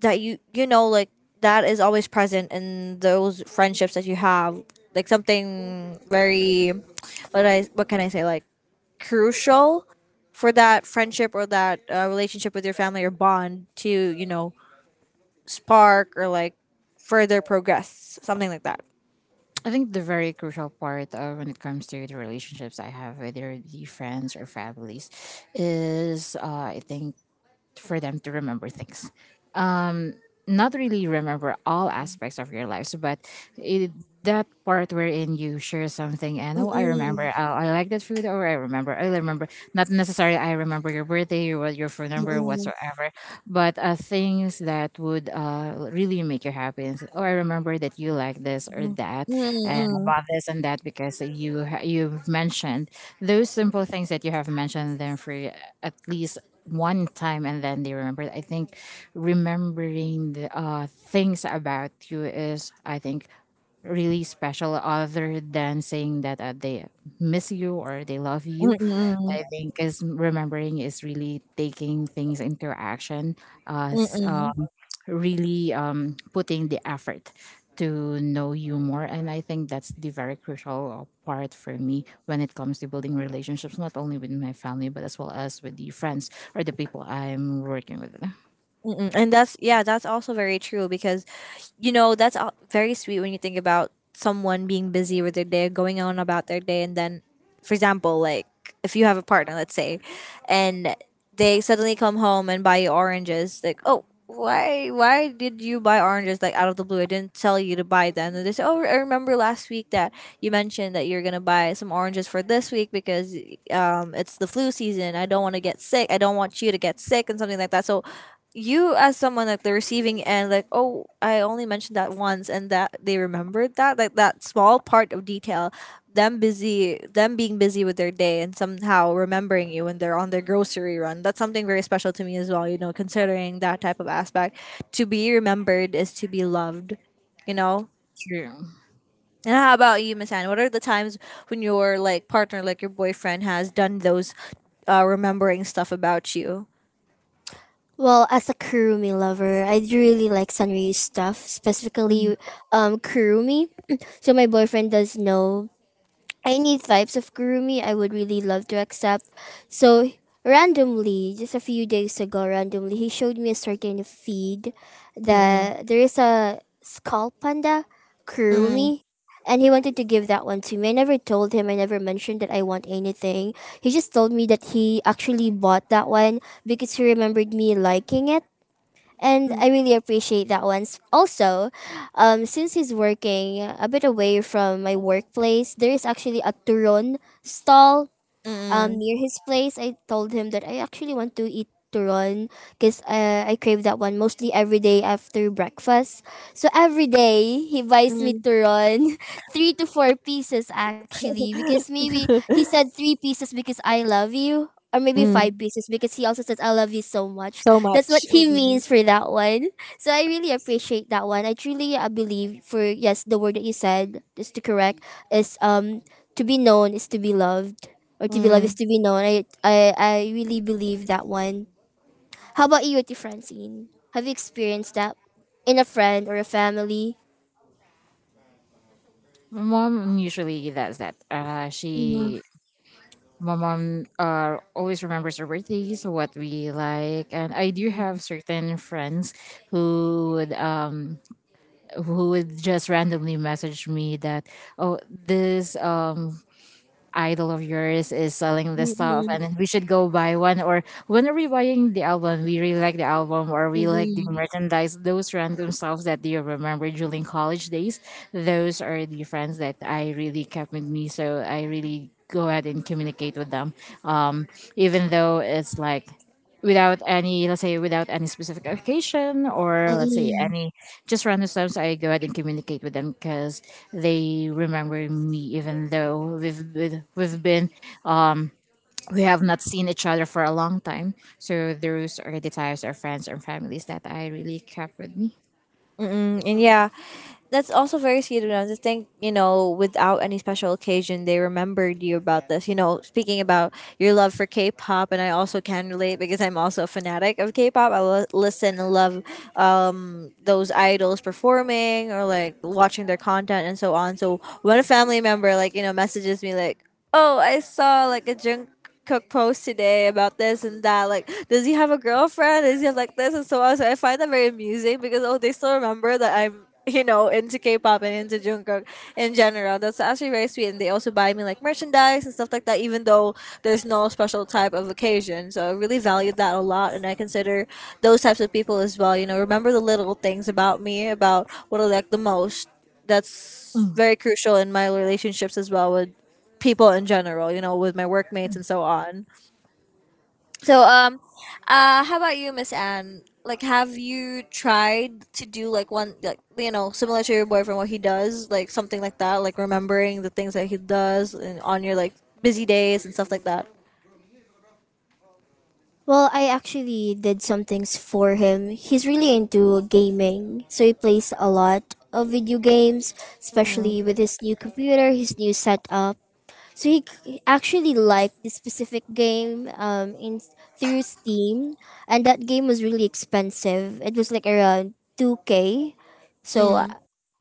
that you know like that is always present in those friendships that you have, like something very, what can I say, like crucial for that friendship or that relationship with your family or bond to spark or like further progress, something like that.
I think the very crucial part of when it comes to the relationships I have, whether it be friends or families, is, I think, for them to remember things. Um, not really remember all aspects of your lives, but it, that part wherein you share something and, oh, I remember, oh,
Mm-mm,
I like that food, or I remember. Not necessarily I remember your birthday, your what your phone number,
mm-mm,
whatsoever, but things that would really make you happy. And say, oh, I remember that you like this or
mm-mm,
that, and
mm-mm,
about this and that because you've mentioned those simple things, that you have mentioned them for at least one time and then they remembered. I think remembering the things about you is, I think, really special, other than saying that they miss you or they love you.
mm-mm,
I think is remembering is really taking things into action, uh, s- um,
mm-mm.
really putting the effort to know you more. And I think that's the very crucial part for me when it comes to building relationships, not only with my family, but as well as with the friends or the people I'm working with.
Mm-mm. And that's, yeah, that's also very true because that's very sweet when you think about someone being busy with their day, going on about their day, and then, for example, like if you have a partner, let's say, and they suddenly come home and buy you oranges, like, oh. Why? Why did you buy oranges like out of the blue? I didn't tell you to buy them. And they say, "Oh, I remember last week that you mentioned that you're gonna buy some oranges for this week because, it's the flu season. I don't want to get sick. I don't want you to get sick and something like that." So you as someone like the receiving end, like, oh, I only mentioned that once and that they remembered that, like, that small part of detail, them being busy with their day and somehow remembering you when they're on their grocery run, that's something very special to me as well, considering that type of aspect, to be remembered is to be loved you know
True.
and how about you, Miss Anne, what are the times when your like partner, like your boyfriend, has done those remembering stuff about you?
Well, as a Kurumi lover, I really like Sanryu's stuff, specifically
Mm-hmm.
Kurumi. So my boyfriend does know any types of gurumi I would really love to accept. So randomly, just a few days ago, randomly he showed me a certain feed that there is a skull panda gurumi. And he wanted to give that one to me. I never told him. I never mentioned that I want anything. He just told me that he actually bought that one because he remembered me liking it, and
Mm-hmm.
I really appreciate that one. Also, since he's working a bit away from my workplace, there is actually a turon stall near his place. I told him that I actually want to eat turon because I crave that one mostly every day after breakfast. So every day he buys me turon, three to four pieces actually, because maybe he said three pieces because I love you. Or
Di
maybe
ba?
five pieces because he also says I love you so much. That's what he means for that one. So I really appreciate that one. I truly believe for, yes, the word that you said is to correct is to be known is to be loved or to be loved
Mm,
is to
mm,
be known. I really believe that one. How about you, Ate Francine? Have you experienced that in a friend or a family?
My mom usually does that. My mom, always remembers our birthdays, what we like, and I do have certain friends who would, um, who would just randomly message me that, oh, this idol of yours is selling this stuff and we should go buy one, or when are we buying the album, we really like the album, or we like the
mm,
merchandise, those random stuff that you remember during college days. Those are the friends that I really kept with me, so I really go ahead and communicate with them, um, even though it's like without any, let's say, without any specific occasion, or let's say
mm,
any just random times, I go ahead and communicate with them because they remember me, even though um we have not seen each other for a long time. So those are the types of friends and families that I really kept with me.
mm, and yeah, that's also very sweet of them to think, you know, without any special occasion, they remembered you about this. Speaking about your love for K-pop, and I also can relate because I'm also a fanatic of K-pop. I will listen and love those idols performing or like watching their content and so on. So when a family member, like, messages me, like, oh, I saw like a junk. Cook posts today about this and that. Like, does he have a girlfriend? Does he have like this and so on? So I find that very amusing because, oh, they still remember that I'm into K-pop and into Jungkook in general. That's actually very sweet, and they also buy me like merchandise and stuff like that, even though there's no special type of occasion. So I really value that a lot, and I consider those types of people as well. Remember the little things about me, about what I like the most. That's very crucial in my relationships as well with people in general, with my workmates and so on. So, how about you, Miss Anne? Like, have you tried to do like one, like similar to your boyfriend, what he does, like something like that, like remembering the things that he does and on your like busy days and stuff like that.
Well, I actually did some things for him. He's really into gaming, so he plays a lot of video games,
Mm,
especially with his new computer, his new setup. So actually liked this specific game in through Steam, and that game was really expensive. It was like around 2K. So
mm,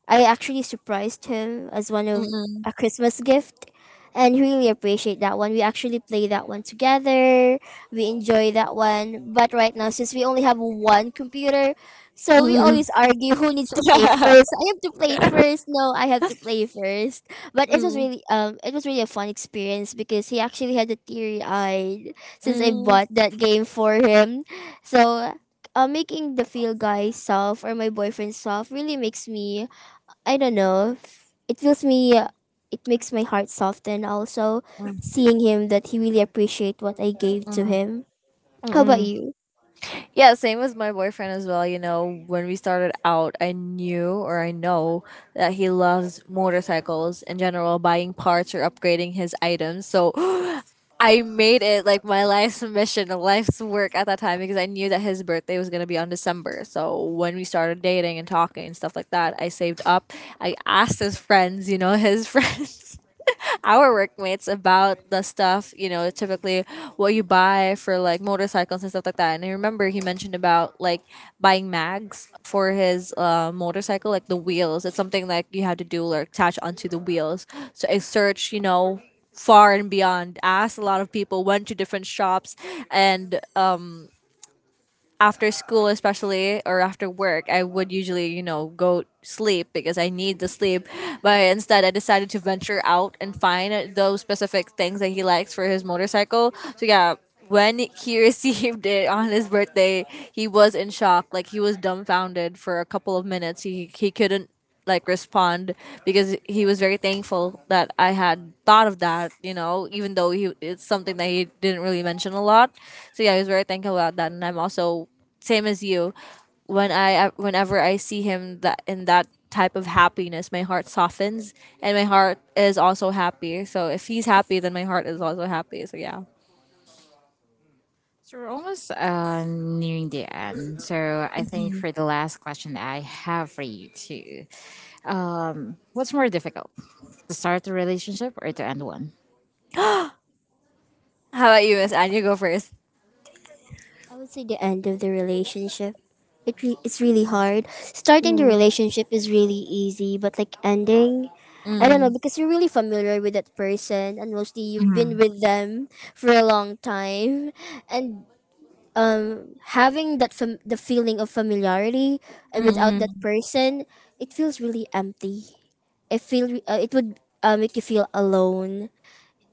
I actually surprised him as one of
mm,
a Christmas gift, and he really appreciate that one. We actually play that one together. We enjoy that one. But right now since we only have one computer, so we
mm,
always argue who needs to play
mm,
first. I have to play first. No, I have to play first. But
mm,
it was
mm,
really um it was really a fun experience because he actually had a teary eye since I
mm,
bought that game for him. So making the feel guy soft or my boyfriend soft really makes me, I don't know. It feels me. It makes my heart soften. Also, seeing him that he really appreciate what I gave to him.
mm,
How about
mm.
you?
Yeah, same with my boyfriend as well. When we started out, I knew or I know that he loves motorcycles in general, buying parts or upgrading his items. So I made it like my life's mission, life's work at that time, because I knew that his birthday was going to be on December. So when we started dating and talking and stuff like that, I saved up. I asked his friends, his friends our workmates about the stuff, typically what you buy for like motorcycles and stuff like that. And I remember he mentioned about like buying mags for his motorcycle, like the wheels. It's something like you have to do, like, attach onto the wheels. So I searched, far and beyond, asked a lot of people, went to different shops, and after school especially or after work I would usually go sleep because I need the sleep. But instead I decided to venture out and find those specific things that he likes for his motorcycle. So yeah, when he received it on his birthday, he was in shock, like he was dumbfounded for a couple of minutes. He couldn't like respond because he was very thankful that I had thought of that, even though he it's something that he didn't really mention a lot. So yeah, he was very thankful about that, and I'm also same as you. Whenever I see him that in that type of happiness, my heart softens and my heart is also happy. So if he's happy then my heart is also happy. So yeah.
So we're almost nearing the end. So I think for the last question that I have for you too, what's more difficult, to start a relationship or to end one?
How about you, Miss Anne? You go first.
I would say the end of the relationship. It's really hard. Starting the
Mm.
relationship is really easy, but like ending, I don't know
Mm.
because you're really familiar with that person and mostly you've been
Mhm.
with them for a long time, and having that the feeling of familiarity without
Mm.
that person, it feels really empty. I feel it would make you feel alone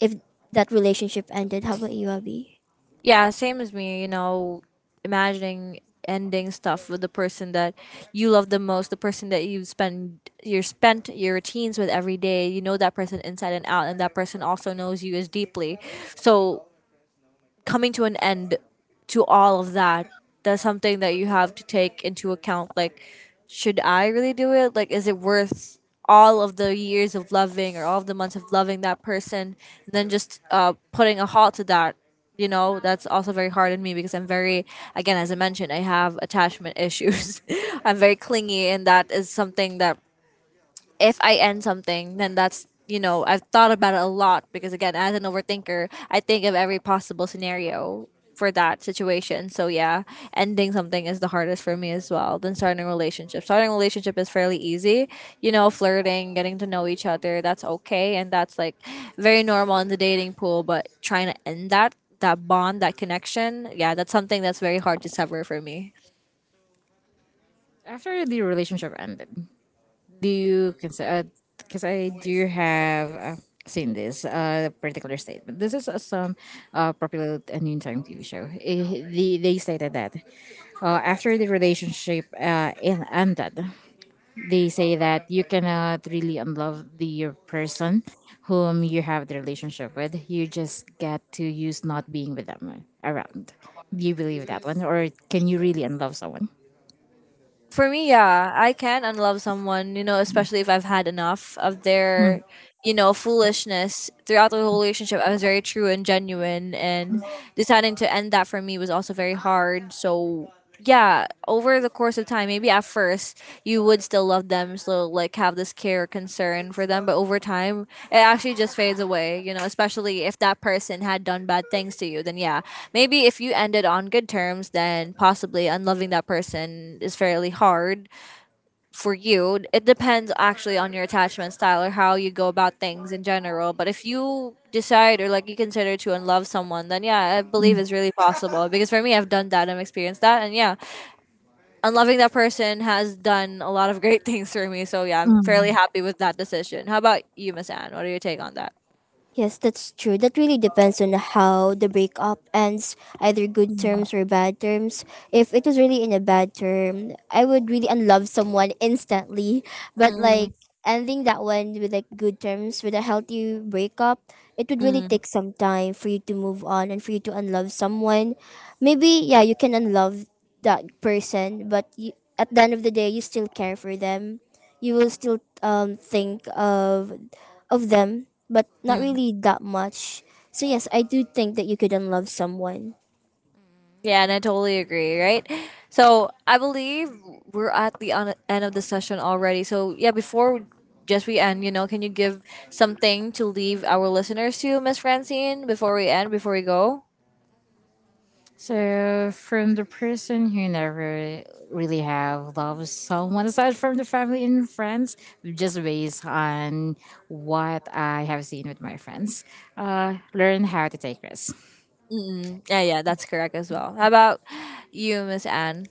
if that relationship ended. How about you, Abby?
Yeah, same as me, imagining ending stuff with the person that you love the most, the person that you spend your spent your routines with every day. You know that person inside and out and that person also knows you as deeply. So coming to an end to all of that, that's something that you have to take into account, like should I really do it, like is it worth all of the years of loving or all of the months of loving that person and then just putting a halt to that. You know, that's also very hard on me because I'm very, again, as I mentioned, I have attachment issues. I'm very clingy and that is something that if I end something, then that's I've thought about it a lot because again, as an overthinker, I think of every possible scenario for that situation. So yeah, ending something is the hardest for me as well than starting a relationship. Starting a relationship is fairly easy, you know, flirting, getting to know each other, that's okay, and that's like very normal in the dating pool. But trying to end that bond, that connection, yeah, that's something that's very hard to sever for me.
After the relationship ended, do you consider? Because I do have seen this particular statement. This is some popular noontime TV show. Eh, they stated that after the relationship ended, they say that you cannot really unlove the person whom you have the relationship with. You just get to use not being with them around. Do you believe that one, or can you really unlove someone?
For me, yeah, I can unlove someone, you know, especially if I've had enough of
Mm,
their, you know, foolishness throughout the whole relationship. I was very true and genuine, and deciding to end that for me was also very hard. So yeah, over the course of time, maybe at first you would still love them, so like have this care, concern for them, but over time it actually just fades away, you know, especially if that person had done bad things to you. Then yeah, maybe if you ended on good terms, then possibly unloving that person is fairly hard for you. It depends actually on your attachment style or how you go about things in general. But if you decide or like you consider to unlove someone, then yeah, I believe it's really possible, because for me, I've done that, I've experienced that. And yeah, and loving that person has done a lot of great things for me. So yeah, I'm fairly
mm.
happy with that decision. How about you, Miss Anne? What are your take on that?
Yes, that's true. That really depends on how the breakup ends, either good
Mm,
terms or bad terms. If it was really in a bad term, I would really unlove someone instantly. But
mm,
like ending that one with like good terms, with a healthy breakup, it would really
mm.
take some time for you to move on and for you to unlove someone. Maybe, yeah, you can unlove that person, but you, at the end of the day, you still care for them. You will still think of them, but not
Mm.
really that much. So yes, I do think that you couldn't love someone.
Yeah, and I totally agree, right? So I believe we're at the end of the session already. So yeah, before we- just we end, you know, can you give something to leave our listeners to, Miss Francine, before we end, before we go?
So, from the person who never really have loved someone aside from the family and friends, just based on what I have seen with my friends, learn how to take risks.
Mm-mm. Yeah, yeah, that's correct as well. How about you, Miss Anne?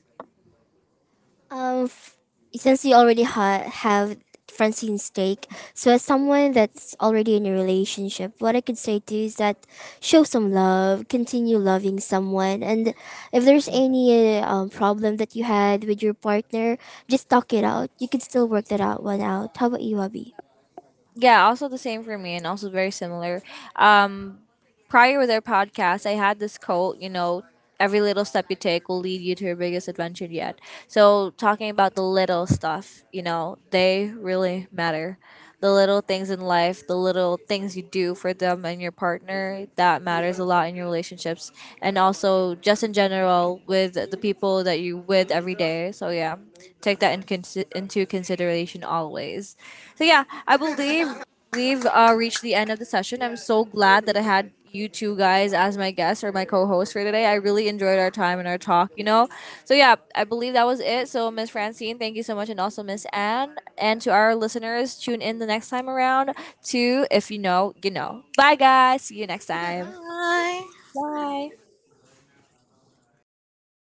Um, f- since you already have Francine's take, so as someone that's already in a relationship, what I could say to you is that show some love, continue loving someone, and if there's any problem that you had with your partner, just talk it out. You could still work that out one out. How about you, Abby?
Yeah, also the same for me and also very similar. Um Prior with our podcast, I had this quote, you know, every little step you take will lead you to your biggest adventure yet. So talking about the little stuff, you know, they really matter. The little things in life, the little things you do for them and your partner, that matters a lot in your relationships and also just in general with the people that you with every day. So yeah, take that into consideration always. So yeah, I believe we've reached the end of the session. I'm so glad that I had you two guys as my guests or my co-host for today. I really enjoyed our time and our talk, you know. So yeah, I believe that was it. So Miss Francine, thank you so much, and also Miss Anne, and to our listeners, tune in the next time around to, if you know, you know. Bye guys. See you next time.
Bye.
Wow,
Bye.